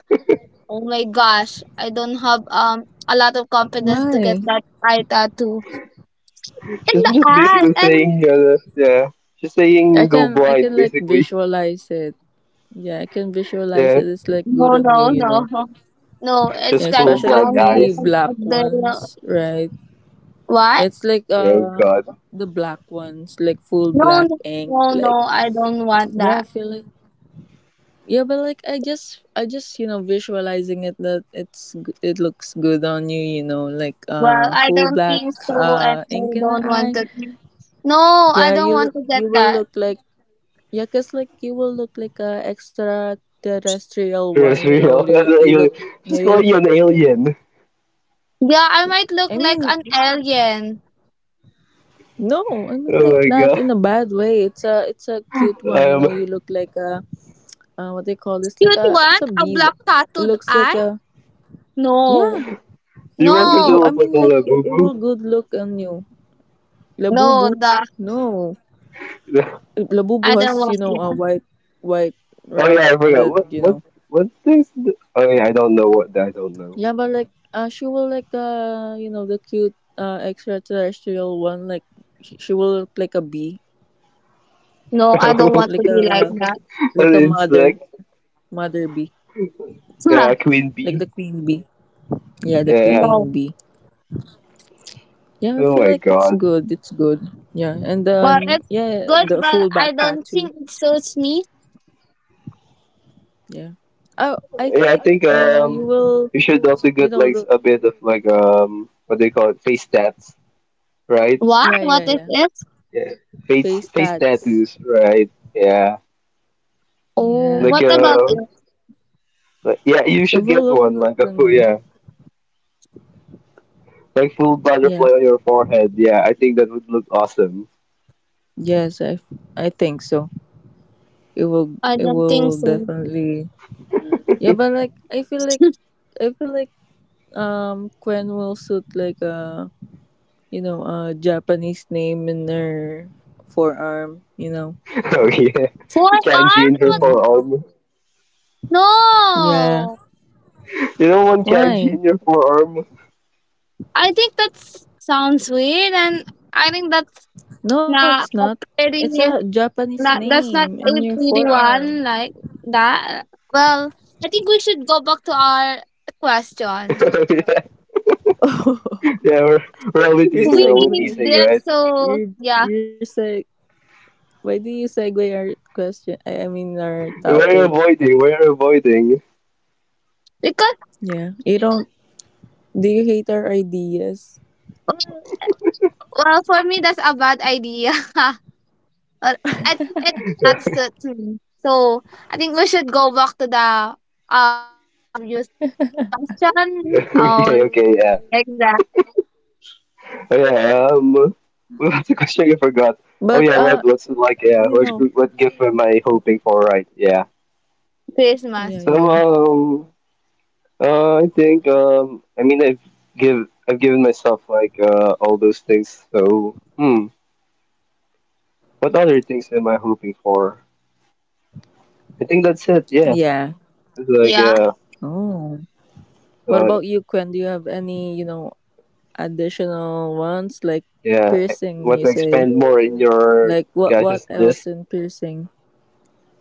oh my gosh, I don't have a lot of confidence to get
Why?
that eye tattoo in
She's
the
just
eye.
basically
And
saying, yeah, she's
I can
saying go
I can like
blind, basically.
visualize it. Yeah, I can visualize it.
Yeah,
It's like good
no,
on you,
no,
you know.
no, no. It's
just
Yeah,
kinda
full black
especially
sounds weird.
the
eyes.
black
But the,
ones, right?
what?
It's like
Yeah, oh god,
the black ones, like full
No,
black
no,
ink,
no, no.
like
I don't want
yeah,
that.
I feel like. Yeah, but like I just you know visualizing it that it looks good on you, you know, like
Well, I
full
don't
black
think so, and I
ink in the
don't want
eye.
to. No, I
Yeah,
don't want to get
you will
that.
look like, yeah, cause like you will look like a extraterrestrial one, you know.
terrestrial.
You
That's an
you
alien.
look, yeah,
She's calling you an alien.
Yeah, I might
I
look
mean,
like an alien.
no, I mean like
Oh my
not in
god.
a bad way. It's a cute one, you know.
Um,
You look like a what they call this, like
Cute
a,
one,
it's a
a
bee.
black
It
tattooed
looks like
eye.
a, yeah.
No,
do you want
You,
her
I
to
no,
look
mean,
like
like
a
it,
little
it
boo
will
boo?
good look on you.
no.
Labubu,
The,
no,
I
Labubu
don't
has, you
want
know, a
that.
white, white
Oh yeah, I
rounded,
forgot.
you
What
know.
what what is the? Oh yeah, I don't know what I don't know.
Yeah, but like, she will like you know, the cute extraterrestrial one. Like, she will look like a bee,
No, I don't want to
like
be
a
like that.
An
like a
insect.
mother bee,
Yeah,
Huh,
a queen
like the
bee.
queen bee. Yeah, the
Yeah, yeah.
queen
no.
bee. Yeah, I feel
Oh
like
my
it's
god.
good. It's good. Yeah, and
Well,
then
it's
yeah,
good,
the
but
full
I
back
don't think
tattoo.
it suits me.
Yeah. Oh, I feel
Yeah, I
like
think
you will,
you should also
you
get
know,
like
the,
a bit of like what do you call it, face tats, right?
What?
yeah,
What
yeah,
is
yeah,
it?
Yeah,
face
face
tats.
tattoos, right? Yeah,
Oh,
Yeah.
like
what about
uh,
it?
like, yeah, you
It
should
will
get
look
one like a
the
full
new.
yeah, like full
Yeah.
butterfly on your forehead. Yeah, I think that would look awesome.
Yes, I think so. It will
I
it
don't think
will
so.
definitely, yeah, but like I feel like Quen will suit like a you know a Japanese name in their forearm. You know.
Oh yeah,
Four
kanji in her
arms?
Yeah.
What?
forearm.
Yeah.
No.
You don't want kanji
Why?
in your forearm.
I think that sounds weird, and I think that's
No, it's
not a
not.
pretty.
It's a Japanese
That, that's not
name
a
in your
pretty one
forearm.
like that. Well, I think we should go back to our question.
Yeah, yeah, we're,
Your
we're only
We
teasing,
segue.
did
right?
so
Your
yeah
your seg. Why do you segue our question? I mean our
We're
topic.
avoiding, we're avoiding.
because
Yeah. You don't. Do you hate our ideas?
well, well, for me that's a bad idea. Or I think it that suits me. So I think we should go back to the our previous question. Oh
Okay, okay,
yeah,
yeah.
exactly
Oh, yeah, well, that's a question I forgot. Oh
But
yeah, what what's it like? Yeah,
you
what
know.
what gift am I hoping for? Right? Yeah.
Christmas.
Yeah,
So
yeah, yeah.
I think I've given myself like all those things. So hmm, what other things am I hoping for? I think that's it. Yeah,
Yeah.
it's like
Yeah.
yeah,
Oh. What
so,
about you, Quen? Do you have any, you know, additional ones, like
yeah. I
piercing?
want
You
to
say
expand more in your
like what? What
guys' list.
else in piercing?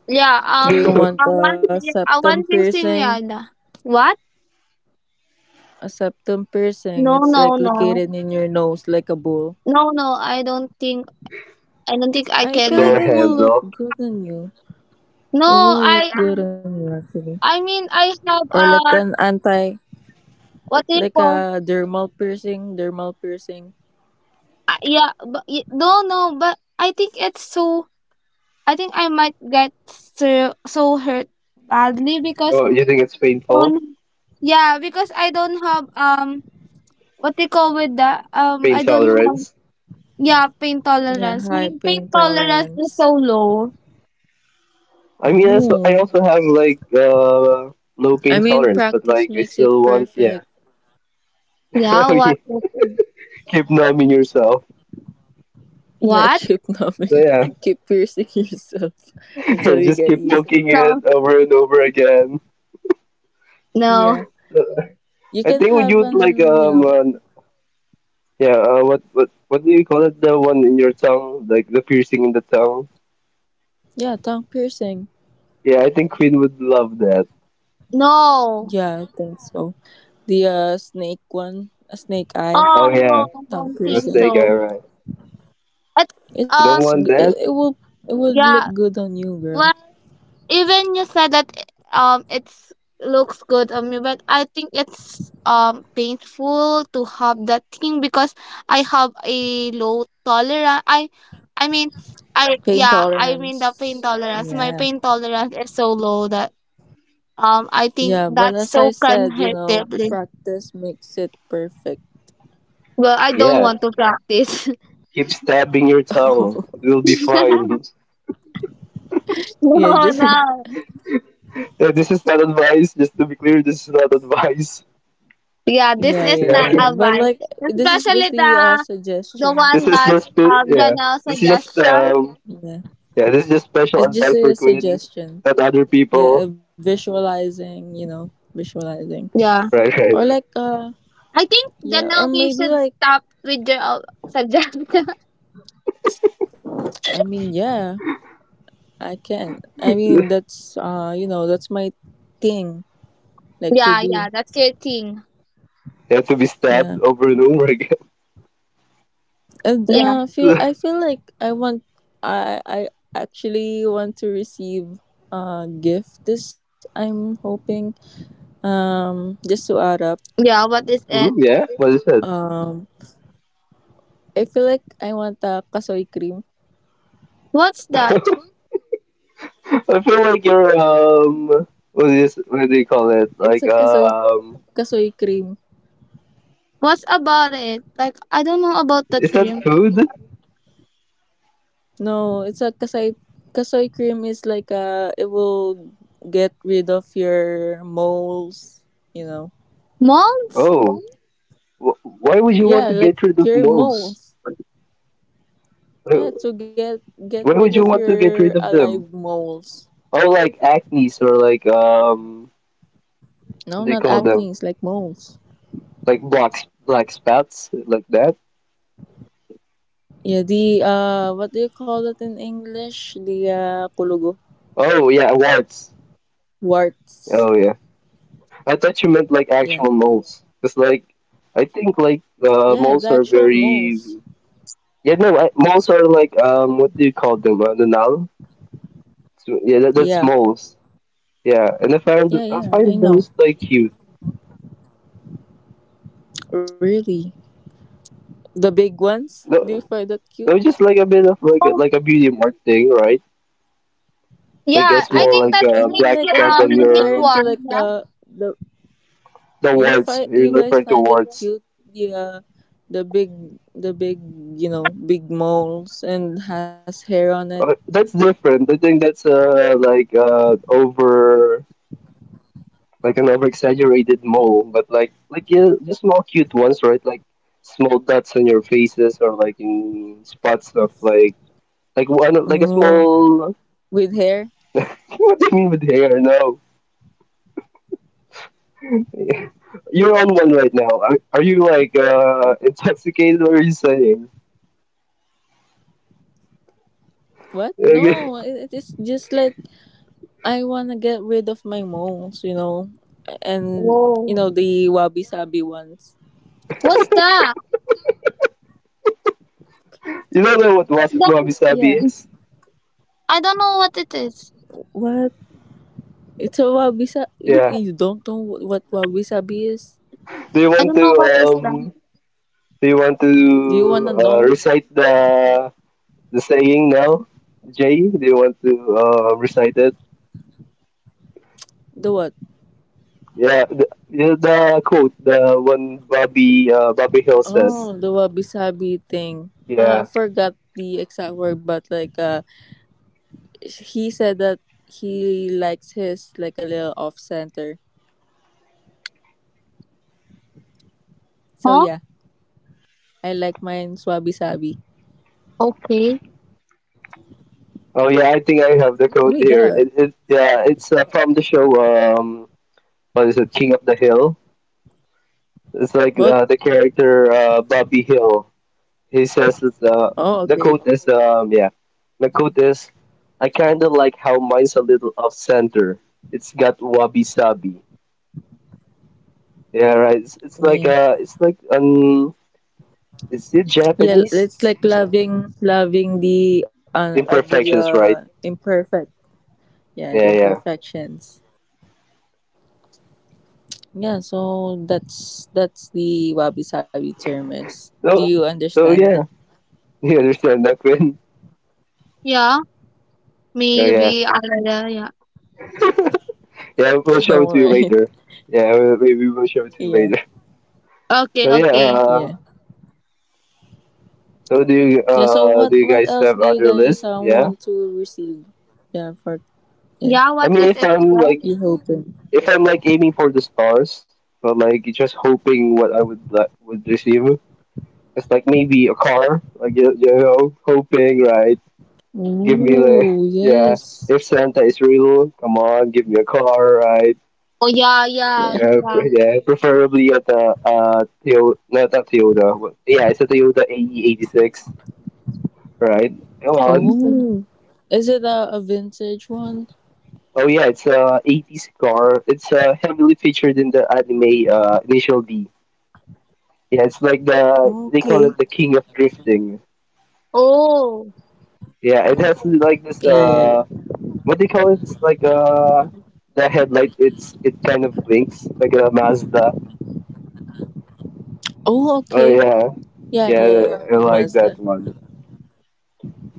Yeah,
Do you
Door
want
awan,
a septum
awan
piercing?
Quinceañera. What?
A septum piercing,
No,
it's
no,
like
no,
located in your nose like a bull.
no, no. I don't think. I don't think I
I feel like
can.
it will look
handle.
good on you.
No,
It will look
I.
good on you actually.
I mean, I have
Or like an anti,
what do you
like
call?
a dermal piercing,
Yeah, but no, no. But I think it's so. I think I might get so so hurt badly because
Oh, you think it's painful?
don't. Yeah, because I don't have what they call with that
Pain
I don't have,
tolerance.
yeah, pain
Yeah,
tolerance. My
high
pain
pain
tolerance is
tolerance.
so low.
I mean, also, I
Oh.
also have like low
I
pain
mean
tolerance, but
practice
like I
makes it
still want yeah.
perfect.
Yeah,
You
what? What is it?
keep numbing yourself.
Yeah,
What?
keep
So
numbing.
yeah,
Keep piercing yourself until
and
you
just
get
keep
used
poking
to it.
it
No,
over and over again.
no,
Yeah.
So,
You
I
can
think would
have
you like
an, you know.
yeah what do you call it, the one in your tongue, like the piercing in the tongue?
Yeah, tongue piercing.
Yeah, I think Queen would love that.
no.
Yeah, I think so. The snake one, a snake eye
Oh
Oh
yeah,
no, I
tongue
don't think
piercing.
mistake.
so.
All right,
It's,
you
It's
don't
um,
g- it,
want
it
that?
will it would look
yeah.
good on you, girl.
Well, even you said that it's looks good on me, but I think it's painful to have that thing because I have a low tolerance. I mean,
Pain
I mean the
tolerance.
pain tolerance. My
Yeah.
pain tolerance is so low that, I
Yeah,
think
but as
that's
I
so can
said, you
hurt.
know, practice makes it perfect.
Well, I don't
Yeah,
want to practice.
keep stabbing your tongue. It will be fine.
Yeah,
No,
just
no.
Yeah, this is not advice. Just to be clear, this is not advice.
Yeah, this
yeah,
is
yeah,
Yeah,
not
yeah. But
advice.
like this is
Especially
just the
the
suggestion.
one
this is
that,
just spe- yeah.
Janelle
This is just
suggestion.
Yeah.
yeah. This is just special
It's just
advice for
a
Quinn,
suggestion.
not other
Yeah,
people.
visualizing, you know, visualizing.
Yeah.
Right,
Or
right,
like
right.
I think
yeah, or
Janelle, we
maybe
should
like,
stop with your, suggestion.
I mean, yeah, I can. I mean, that's you know, that's my thing, like to
Yeah, yeah,
do.
that's your thing.
You have to be
Yeah,
stabbed over and over again.
and
Yeah,
feel I feel like I actually want to receive a gift. This I'm hoping. Just to add up.
yeah. What is
Hmm,
it?
yeah, what is that?
Um, I feel like I want a kasoy cream.
What's
I
that?
feel like you're what do you call it?
It's
Like,
a kasoy cream.
What's about it? Like I don't know about that
is that
cream.
food?
No, it's a kasai cream. Is like it will get rid of your moles, you know.
Molds?
Oh, why would you
Yeah,
want to
like
get rid of
your
moles?
moles.
Why
Yeah, to get
why would
rid
you
of
want to get rid
your
of them?
alive moles.
Or like acne's or like, what
No,
do you
not
call, oh, them?
acne, it's like moles.
Like black spots like that?
Yeah, the what do you call it in English? The kulugo.
Oh yeah, warts.
Warts.
Oh yeah. I thought you meant like
Yeah.
actual moles. It's like. I think like,
Yeah, the
moles are
actual
very.
moles.
Yeah, no, moles are like, what do you call them? The null? So, yeah, that's
Yeah.
moles. Yeah, and I find I
Yeah, yeah,
find
I
those
know.
like cute.
Really. The big ones? Do you
No,
find that
no,
cute?
just like a bit of like a,
Oh,
like a beauty mark thing, right? Like a
yeah. I
small
think
Like,
like,
that
I
makes
black
you
mean, like
dot
a
on
I'm
unique
your.
referring
one.
to
Yeah.
like the
The
you
warts. You're
find you
referring to
guys find it
warts.
cute, the the big the big, you know, big moles and has hair on it.
That's different. I think that's like over, like an over exaggerated mole, but like yeah, the small cute ones, right? Like small dots on your faces or like in spots of like one like a
Oh,
small.
with hair.
What do you mean with hair? No, you're on one right now. Are you like, intoxicated? What are you saying?
What?
Okay.
No, it is just like, I want to get rid of my moles, you know, and you
Whoa.
know the wabi sabi ones.
What's that?
You don't know what
Then
wabi
Yeah.
sabi is?
I don't know what it is.
What? It's a wabi sabi.
Yeah.
You don't know what wabi sabi is?
Do you
I
want
don't
to
know what is
um?
that.
Do you want to,
Do you want to know
recite the saying now, Jay? Do you want to, recite it?
the what?
Yeah, the quote, the one Bobby Hill says.
Oh, the wabi-sabi thing. I
Yeah.
forgot the exact word, but like he said that he likes his like a little off center. So
Huh?
yeah, I like mine wabi-sabi.
Okay.
Oh yeah, I think I have
Oh
the
my
quote
god,
here. It's from the show. What is it? King of the Hill. It's like,
what?
the character, Bobby Hill. He says it's
Oh
the
okay,
quote is yeah. The quote is, "I kinda like how mine's a little off center. It's got wabi sabi." Yeah, right. It's like,
yeah,
is it
yeah.
Japanese?
It's like loving the
Imperfections, right?
imperfect, yeah, the
Yeah, yeah.
imperfections. Yeah, so that's the wabi-sabi term is. Do you
So so
understand?
yeah. You understand that, Quinn?
Yeah.
Oh yeah.
Maybe. Yeah. Yeah.
Yeah, we'll
All
show it to you
right.
later. Yeah, maybe we'll show it to you
Yeah.
later.
Okay.
So yeah,
Okay.
Yeah.
so do you
Yeah. So
uh do you
what
guys
else do
have
you
other
guys
list?
want
Yeah,
to receive? Yeah. For, yeah.
Yeah.
I
What
mean
is
if
it
I'm like
then?
You hoping?
If I'm like aiming for the stars, but like just hoping what I would like would receive, it's like maybe a car, like you, hoping, right. Give me like.
Ooh
Yeah,
yes.
if Santa is real, come on, give me a car, right?
Oh yeah.
Yeah.
Yeah.
Yeah,
Yeah.
yeah, preferably at the, Toyota, not a Toyota, but yeah, it's a Toyota AE86, right? Come on.
Oh. Is it a vintage one?
Oh yeah, it's a 80s car. It's, heavily featured in the anime, Initial D. Yeah, it's like they call
Okay.
it the king of drifting.
Oh.
Yeah, it has like
Yeah,
this,
yeah, yeah.
what do you call it? It's like, the headlight, it kind of blinks like a Mazda.
Oh, okay.
Oh yeah.
Yeah, yeah, yeah.
Yeah,
The
I like
Mazda.
that one.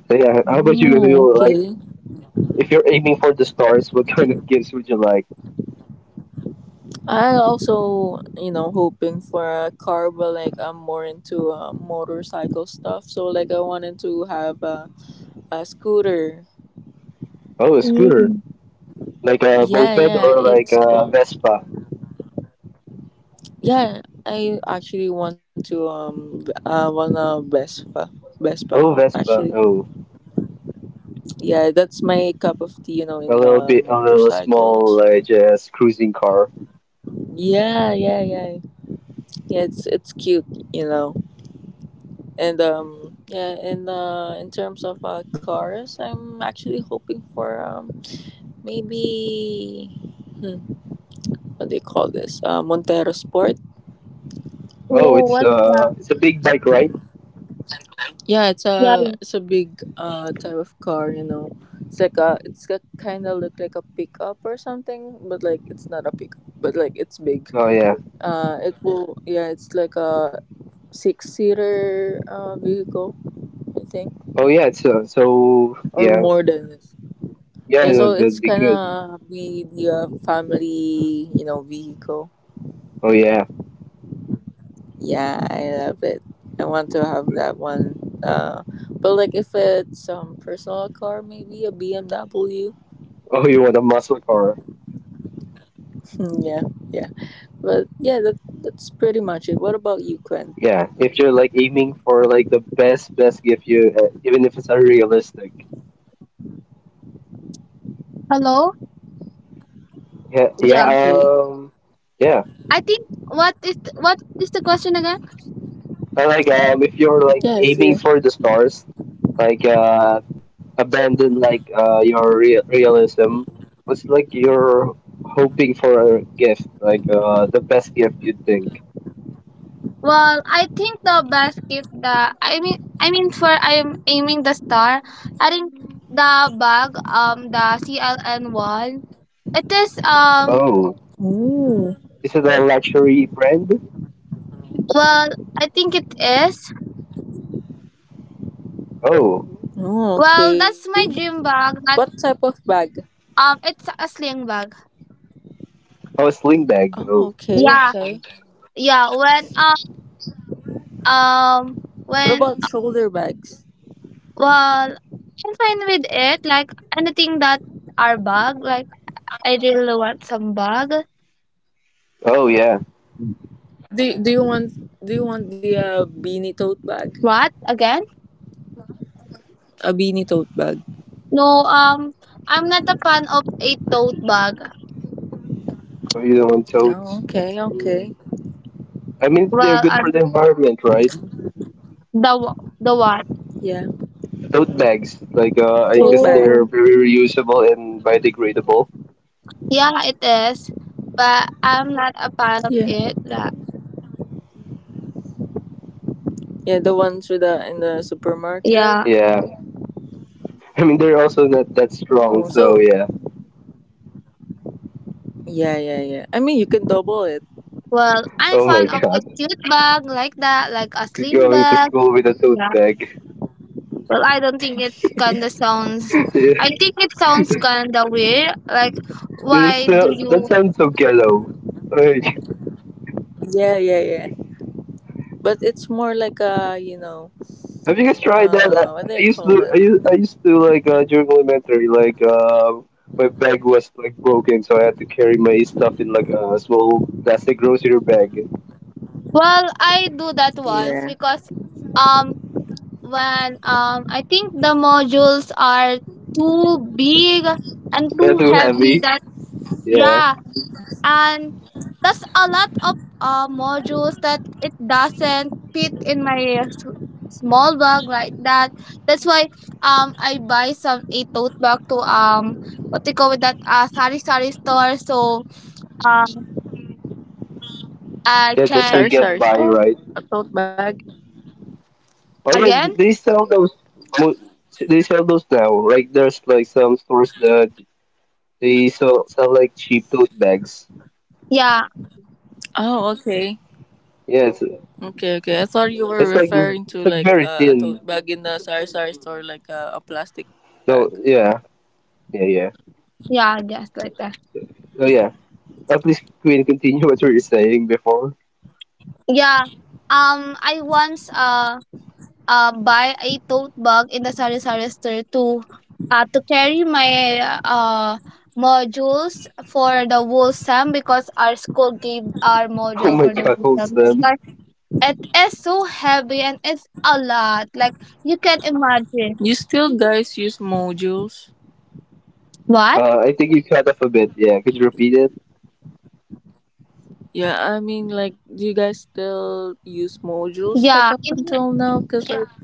So yeah, how about you guys?
Oh,
You like,
okay.
if you're aiming for the stars, what kind of gifts would you like?
I also, you know, hoping for a car, but like I'm more into motorcycle stuff. So like I wanted to have a scooter.
Oh, a scooter.
Mm.
Like a
Yeah,
moped
yeah.
or like
It's
a
called.
Vespa.
Yeah, I actually want to I want a Vespa. Vespa,
Oh,
actually.
Vespa. Oh,
Yeah, that's my cup of tea, you know,
a
in
little bit, a little small,
motorcycles.
like just cruising car.
Yeah, yeah, yeah. Yeah, it's cute, you know. And in terms of cars, I'm actually hoping for maybe hmm, what do you call this? Montero Sport.
Oh,
Oh.
it's
What's that?
uh, it's a big bike, right?
Yeah,
Yeah. Yeah.
it's a big type of car, you know. It's like a it's a kind of look like a pickup or something, but like it's not a pickup, but like it's big.
Oh yeah.
It's like a six seater vehicle, I think,
Oh yeah. So
or
yeah.
more than. It.
Yeah,
Yeah, so it's
that'd be
kind
good.
of be the family, you know, vehicle.
Oh yeah.
Yeah, I love it. I want to have that one. But like if it's personal car, maybe a BMW.
Oh, you want a muscle car?
Yeah. Yeah. But yeah, that's pretty much it. What about you, Gwen?
Yeah. If you're like aiming for like the best gift you, even if it's unrealistic.
Hello.
Yeah. Yeah.
Yeah.
Okay.
Yeah.
I think what is the question again?
And like, if you're like
Yeah, if
aiming for the
you.
stars, like, abandon like, your realism. What's like you're hoping for a gift, like, the best gift you'd think.
Well, I think the basket. The I mean for I'm aiming the star. I think the bag. The CLN one. It is
Oh,
Mm.
is it a luxury brand?
well I think it is.
Oh,
Oh,
Well
okay.
that's my dream bag
What
that
type of bag?
it's a sling bag.
oh, a sling bag.
Oh,
Oh,
okay,
Yeah.
okay.
Yeah. When um
What
when,
about shoulder bags?
well, I'm fine with it. Like anything that our bag, like I really want some bag.
oh yeah.
Do you want the beanie tote bag?
What? Again?
A beanie tote bag.
No, I'm not a fan of a tote bag.
Or you not want totes.
Oh, okay, okay.
I mean,
Well,
they're good for the environment, right?
the the what?
Yeah,
Tote bags, like, I
tote
guess
bag.
they're
Oh.
very reusable and biodegradable.
Yeah, it is. But I'm not a fan of
Yeah.
it, like.
Yeah, the ones with the in the supermarket.
Yeah.
Yeah. I mean, they're also not that
Oh,
strong, so
so
yeah.
yeah, yeah, yeah. I mean, you can double it.
Well, I'm
Oh my
fond of a
God,
cute bag like that, like a sling
going to
bag.
school with a tote
Yeah.
bag.
Well, I don't think it kinda sounds. I
Yeah.
think it sounds kinda weird. Like,
It is
why do
so, that
you?
sounds so ghetto. Like,
Yeah, yeah, yeah, yeah. But it's more like a, you know,
have you guys tried that? I
what do
I
you
used
call
to,
that?
I used to like, during elementary, like, my bag was like broken, so I had to carry my stuff in like a small plastic grocery bag.
Well, I do that once
Yeah.
because um when I think the modules are too big and
Yeah,
too
too
heavy
heavy.
that
Yeah,
yeah and that's a lot of modules that it doesn't fit in my uh, s- small bag like that, that's why I buy some a tote bag to what they call it that sari sari store so um I
yeah, just to
Sorry,
can
get
sorry,
by,
store?
right?
A tote bag?
Oh yeah,
again.
they sell those. mo- They sell those now. Like there's like some stores that they sell like cheap tote bags.
Yeah.
Oh, okay.
Yeah, it's,
Okay, okay. I thought you were
it's like
referring to
it's like
like
very
a
thin.
tote bag in the sorry, sorry store, like a plastic bag.
No, yeah, yeah, yeah.
Yeah, I guess like that.
Oh yeah. Please, Queen, continue what you were saying before.
Yeah, I once buy a tote bag in the sari-sari store to carry my uh, modules for the whole sem, because our school gave our
Oh
module
my
for the
God, hold
whole sem. That's
wholesome.
why it is so heavy and it's a lot. Like, you can imagine.
You still guys use modules?
What?
I think you cut off a bit. Yeah, could you repeat it?
Yeah, I mean, like, do you guys still use modules
Yeah,
like up
in
until now? Cause like,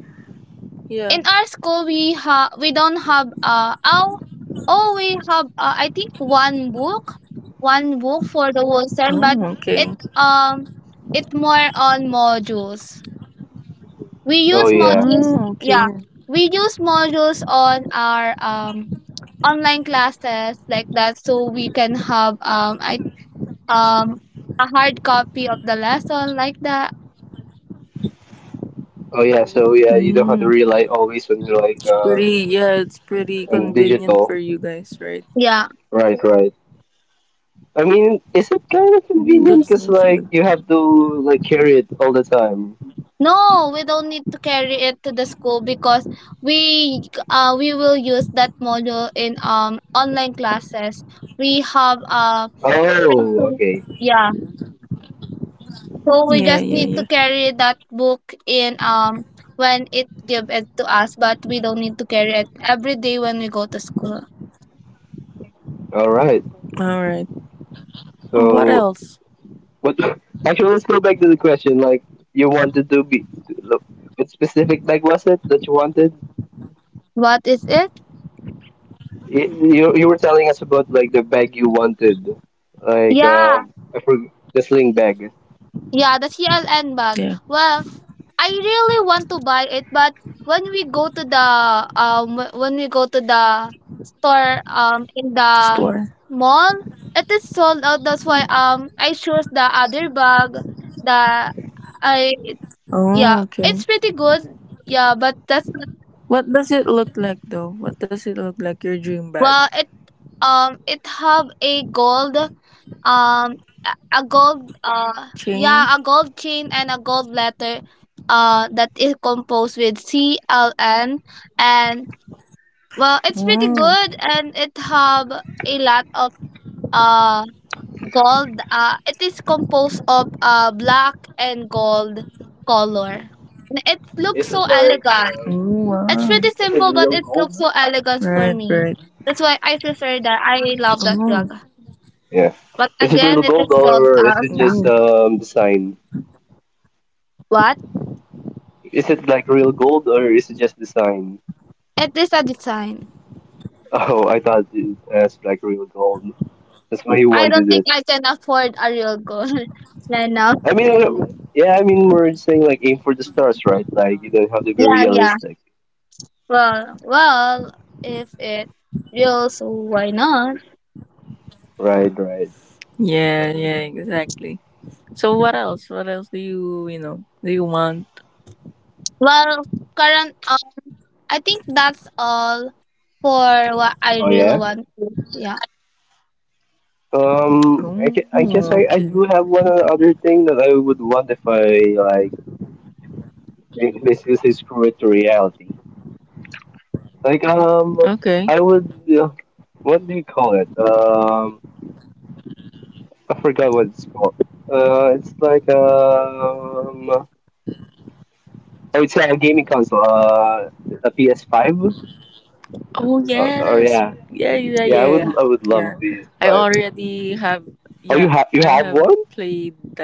in
yeah.
our school we have, we don't have oh, oh we have, I think one book, one book for the whole term, but
Oh,
it
okay.
um it more on modules, we
Oh
use
yeah.
modules,
Oh,
yeah,
okay.
we use modules on our online classes like that, so we can have I um a hard copy of the lesson like that.
Oh yeah. So yeah, you don't have to
Mm.
rely always on your like
Pretty, yeah, it's pretty
on
convenient
digital.
for you guys, right?
Yeah.
Right, right. I mean, is it kind of
Mm,
convenient?
that's
Cause
good.
like you have to like carry it all the time.
No, we don't need to carry it to the school because we we will use that module in online classes. We have
Oh,
present,
okay.
yeah. So we
Yeah,
just
yeah,
need to
yeah.
carry that book in when it give it to us, but we don't need to carry it every day when we go to school.
All right.
All right. Oh, what
So
else?
what? Actually, let's go back to the question. Like you wanted to be. What specific bag was it that you wanted?
What is it?
You were telling us about like the bag you wanted, like,
Yeah.
I forg the sling bag.
Yeah, the CLN bag.
Yeah,
Well, I really want to buy it, but when we go to the when we go to the store in the
store.
mall, it is sold out. That's why I chose the other bag. The I,
Oh,
yeah,
okay.
it's pretty good. Yeah, but that's
What does it look like though? What does it look like? Your dream bag?
well, it it have a gold. um a gold, yeah,
Chain?
a gold chain and a gold letter that is composed with CLN. And well, it's pretty
Oh,
good and it have a lot of uh gold, it is composed of black and gold color, it looks
Is it
so
like,
elegant.
oh
It's
wow.
pretty
is it
simple but
real
it
gold?
looks so elegant
Right,
for me,
right.
that's why I prefer that. I love that
Oh,
rug,
Yeah.
but
Is it real
again it
gold
is sold
or is it
mm.
just, design?
what.
Is it like real gold or is it just design?
It is a design.
Oh, I thought it has like real gold. That's why you
I don't
wanted
think
it.
I can afford a real gold right now.
I mean, yeah, I mean we're saying like aim for the stars, right? Like you don't have to be
Yeah, yeah.
realistic.
Well, well, if it real, so why not?
Right, right.
Yeah, yeah, exactly. So what else? What else do you, you know, do you want?
Well, current, I think that's all for what I
Oh yeah?
really want. Yeah.
I
Oh,
guess
okay.
I do have
Okay.
one other thing that I would want if I basically say screw it to reality. Like,
Okay.
I would, uh, what do you call it? I forgot what it's called. It's like, oh, it's a gaming console. A PS5.
Oh
Or
yes.
yeah,
Yeah, yeah, yeah,
yeah. I would
yeah.
I would love
Yeah.
a PS
I
Five.
already have
Oh, you
yeah,
have
I
you
have
have one?
played that.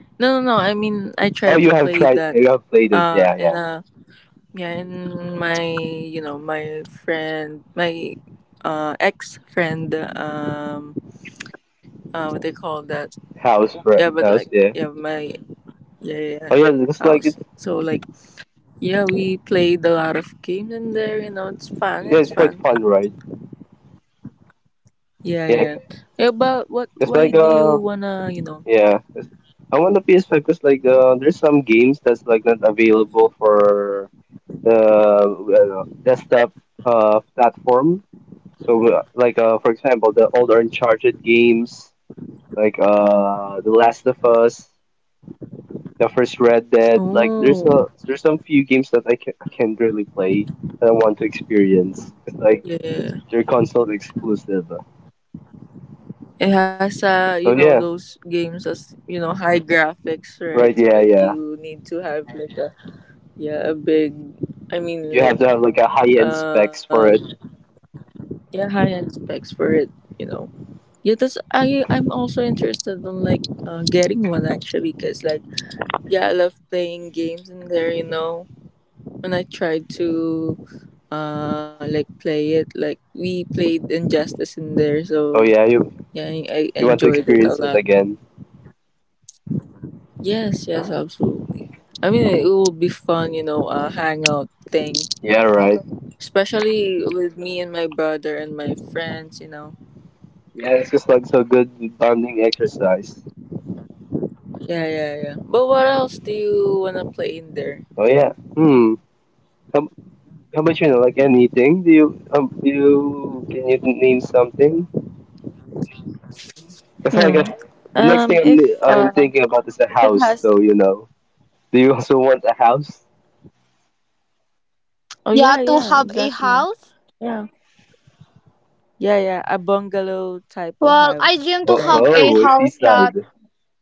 No, no, no. I mean, I tried
Oh,
to
you have
play
tried.
that
You have played it. Yeah,
in
yeah.
a yeah, in my, you know, my friend, my ex-friend um what they call that.
House, bro.
Yeah, but like
House. Yeah.
yeah, my yeah, yeah,
Oh
yeah,
yeah, it's like
house.
it's.
So like yeah, we played a lot of games in there, you know, it's fun,
Yeah,
it's
it's quite
fun.
fun, right?
Yeah,
Yeah,
yeah. Yeah, but what?
it's
Why
like,
do you wanna? You know.
yeah. I want the PS5 because like, there's some games that's like not available for the, desktop, platform. So, like, for example, the old Uncharted games, like, The Last of Us, the first Red Dead. Like there's a
Oh,
there's some few games that I can really play that I want to experience. It's like
yeah.
they're console exclusive.
It has
So
you know,
yeah,
those games as you know, high graphics,
right?
right? So
Yeah,
like,
yeah.
you need to have like a yeah, a big. I
You
mean,
have to
like
have like a high end specs
uh,
for it.
yeah, high end specs for it. You know. Yeah, that's I. I'm also interested on like getting one actually, cause like yeah, I love playing games in there. You know, when I try to like play it like we played injustice in there
Oh
so
yeah, you
yeah I
you want to
enjoyed it a
experience it
lot.
again.
Yes, yes, absolutely. I mean it will be fun, you know, a hangout thing,
Yeah, right.
especially with me and my brother and my friends, you know.
Yeah, it's just like so good bonding exercise.
Yeah, yeah, yeah. But what else do you want to play in there?
Oh yeah. Hmm. How, how about, like, anything? Do you can you name something? It's
hmm
like a, the next thing
if
I'm thinking about is a
if it
house.
has
So, do you also want a house?
oh
Yeah,
yeah,
to
yeah,
have a
exactly.
house.
Yeah, yeah, yeah, a bungalow type of
Well, I
house,
dream
Oh,
to
right?
have a
oh,
house that,
seaside.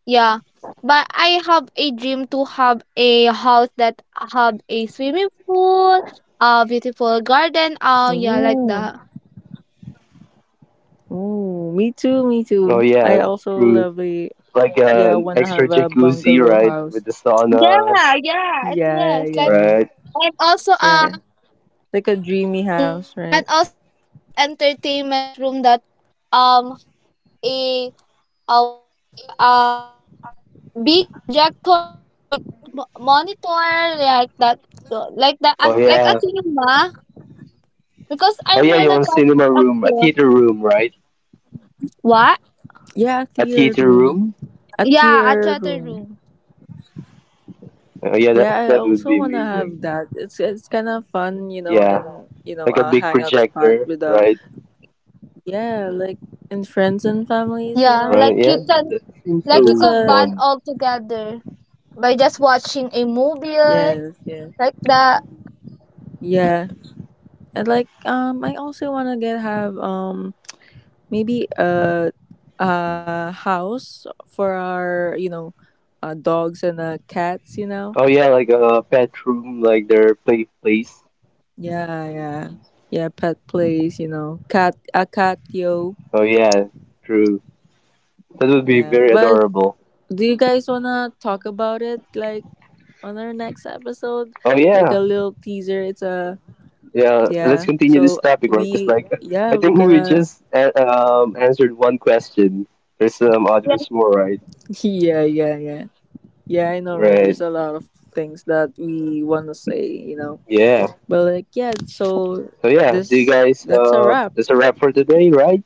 yeah. But I have a dream to have a house that have a swimming pool, a beautiful garden, yeah, like
Ooh.
that.
Oh, me too, me
Oh
too. I
yeah,
also
true.
love a
Like,
yeah,
an
wanna
extra
have a
jacuzzi,
bungalow
right,
house.
with the
Yeah,
saunas,
yeah, it
Yeah,
is. Like,
yeah.
right?
and also
Yeah. Like a dreamy
yeah,
house, right?
and also entertainment room that have a, what you call it, the big projector or a big monitor like that, like that,
Oh
like a
yeah,
cinema, because
oh
I'm
yeah, you
really
want
conscious
cinema
up
room, a
here.
theater room, right?
What?
Yeah, a
A
theater
theater
room.
room?
A
Yeah, a
theater
theater
room.
room.
Oh yeah, that
Yeah, I
that would
also
be
wanna
amazing.
have that. It's kind of fun, you know,
Yeah,
and you know,
like a
a
big
hangout spot
projector,
with a
right?
yeah, like and friends and families, you
Yeah,
know.
Right?
like you
Yeah,
can,
that seems
Yeah,
like you
that's
so
could
a
bond
fun.
all together by just watching a movie
yes, yes.
like that.
Yeah. And like I also wanna get have maybe a house for our, you know, dogs and cats, you know.
Oh yeah, like a pet room, like their play place.
Yeah, yeah. Yeah, pet place, you know. Cat a cat yo.
Oh yeah, true. That would be
Yeah.
very
But
adorable.
do you guys wanna talk about it like on our next episode?
Oh
Like
yeah,
a little teaser. It's a
yeah.
yeah.
Let's continue this
So
topic, right? Because
we
like,
yeah,
I think
we're
we
gonna
just answered one question. There's some
Yeah,
others more, right?
yeah, yeah, yeah. Yeah, I know, right?
Right.
There's a lot of things that we wanna say, you know.
Yeah.
But like yeah, so
So yeah, do you
this
guys?
that's a
Uh,
wrap.
that's a wrap for today, right?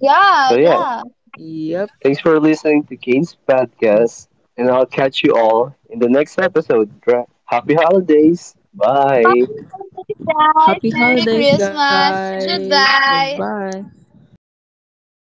yeah.
So yeah,
Yeah.
Yep.
thanks for listening to Kane's podcast, and I'll catch you all in the next episode. Right? Happy holidays! Bye.
Happy holidays, guys.
Happy
Merry
holidays
Christmas.
guys.
Goodbye.
Goodbye.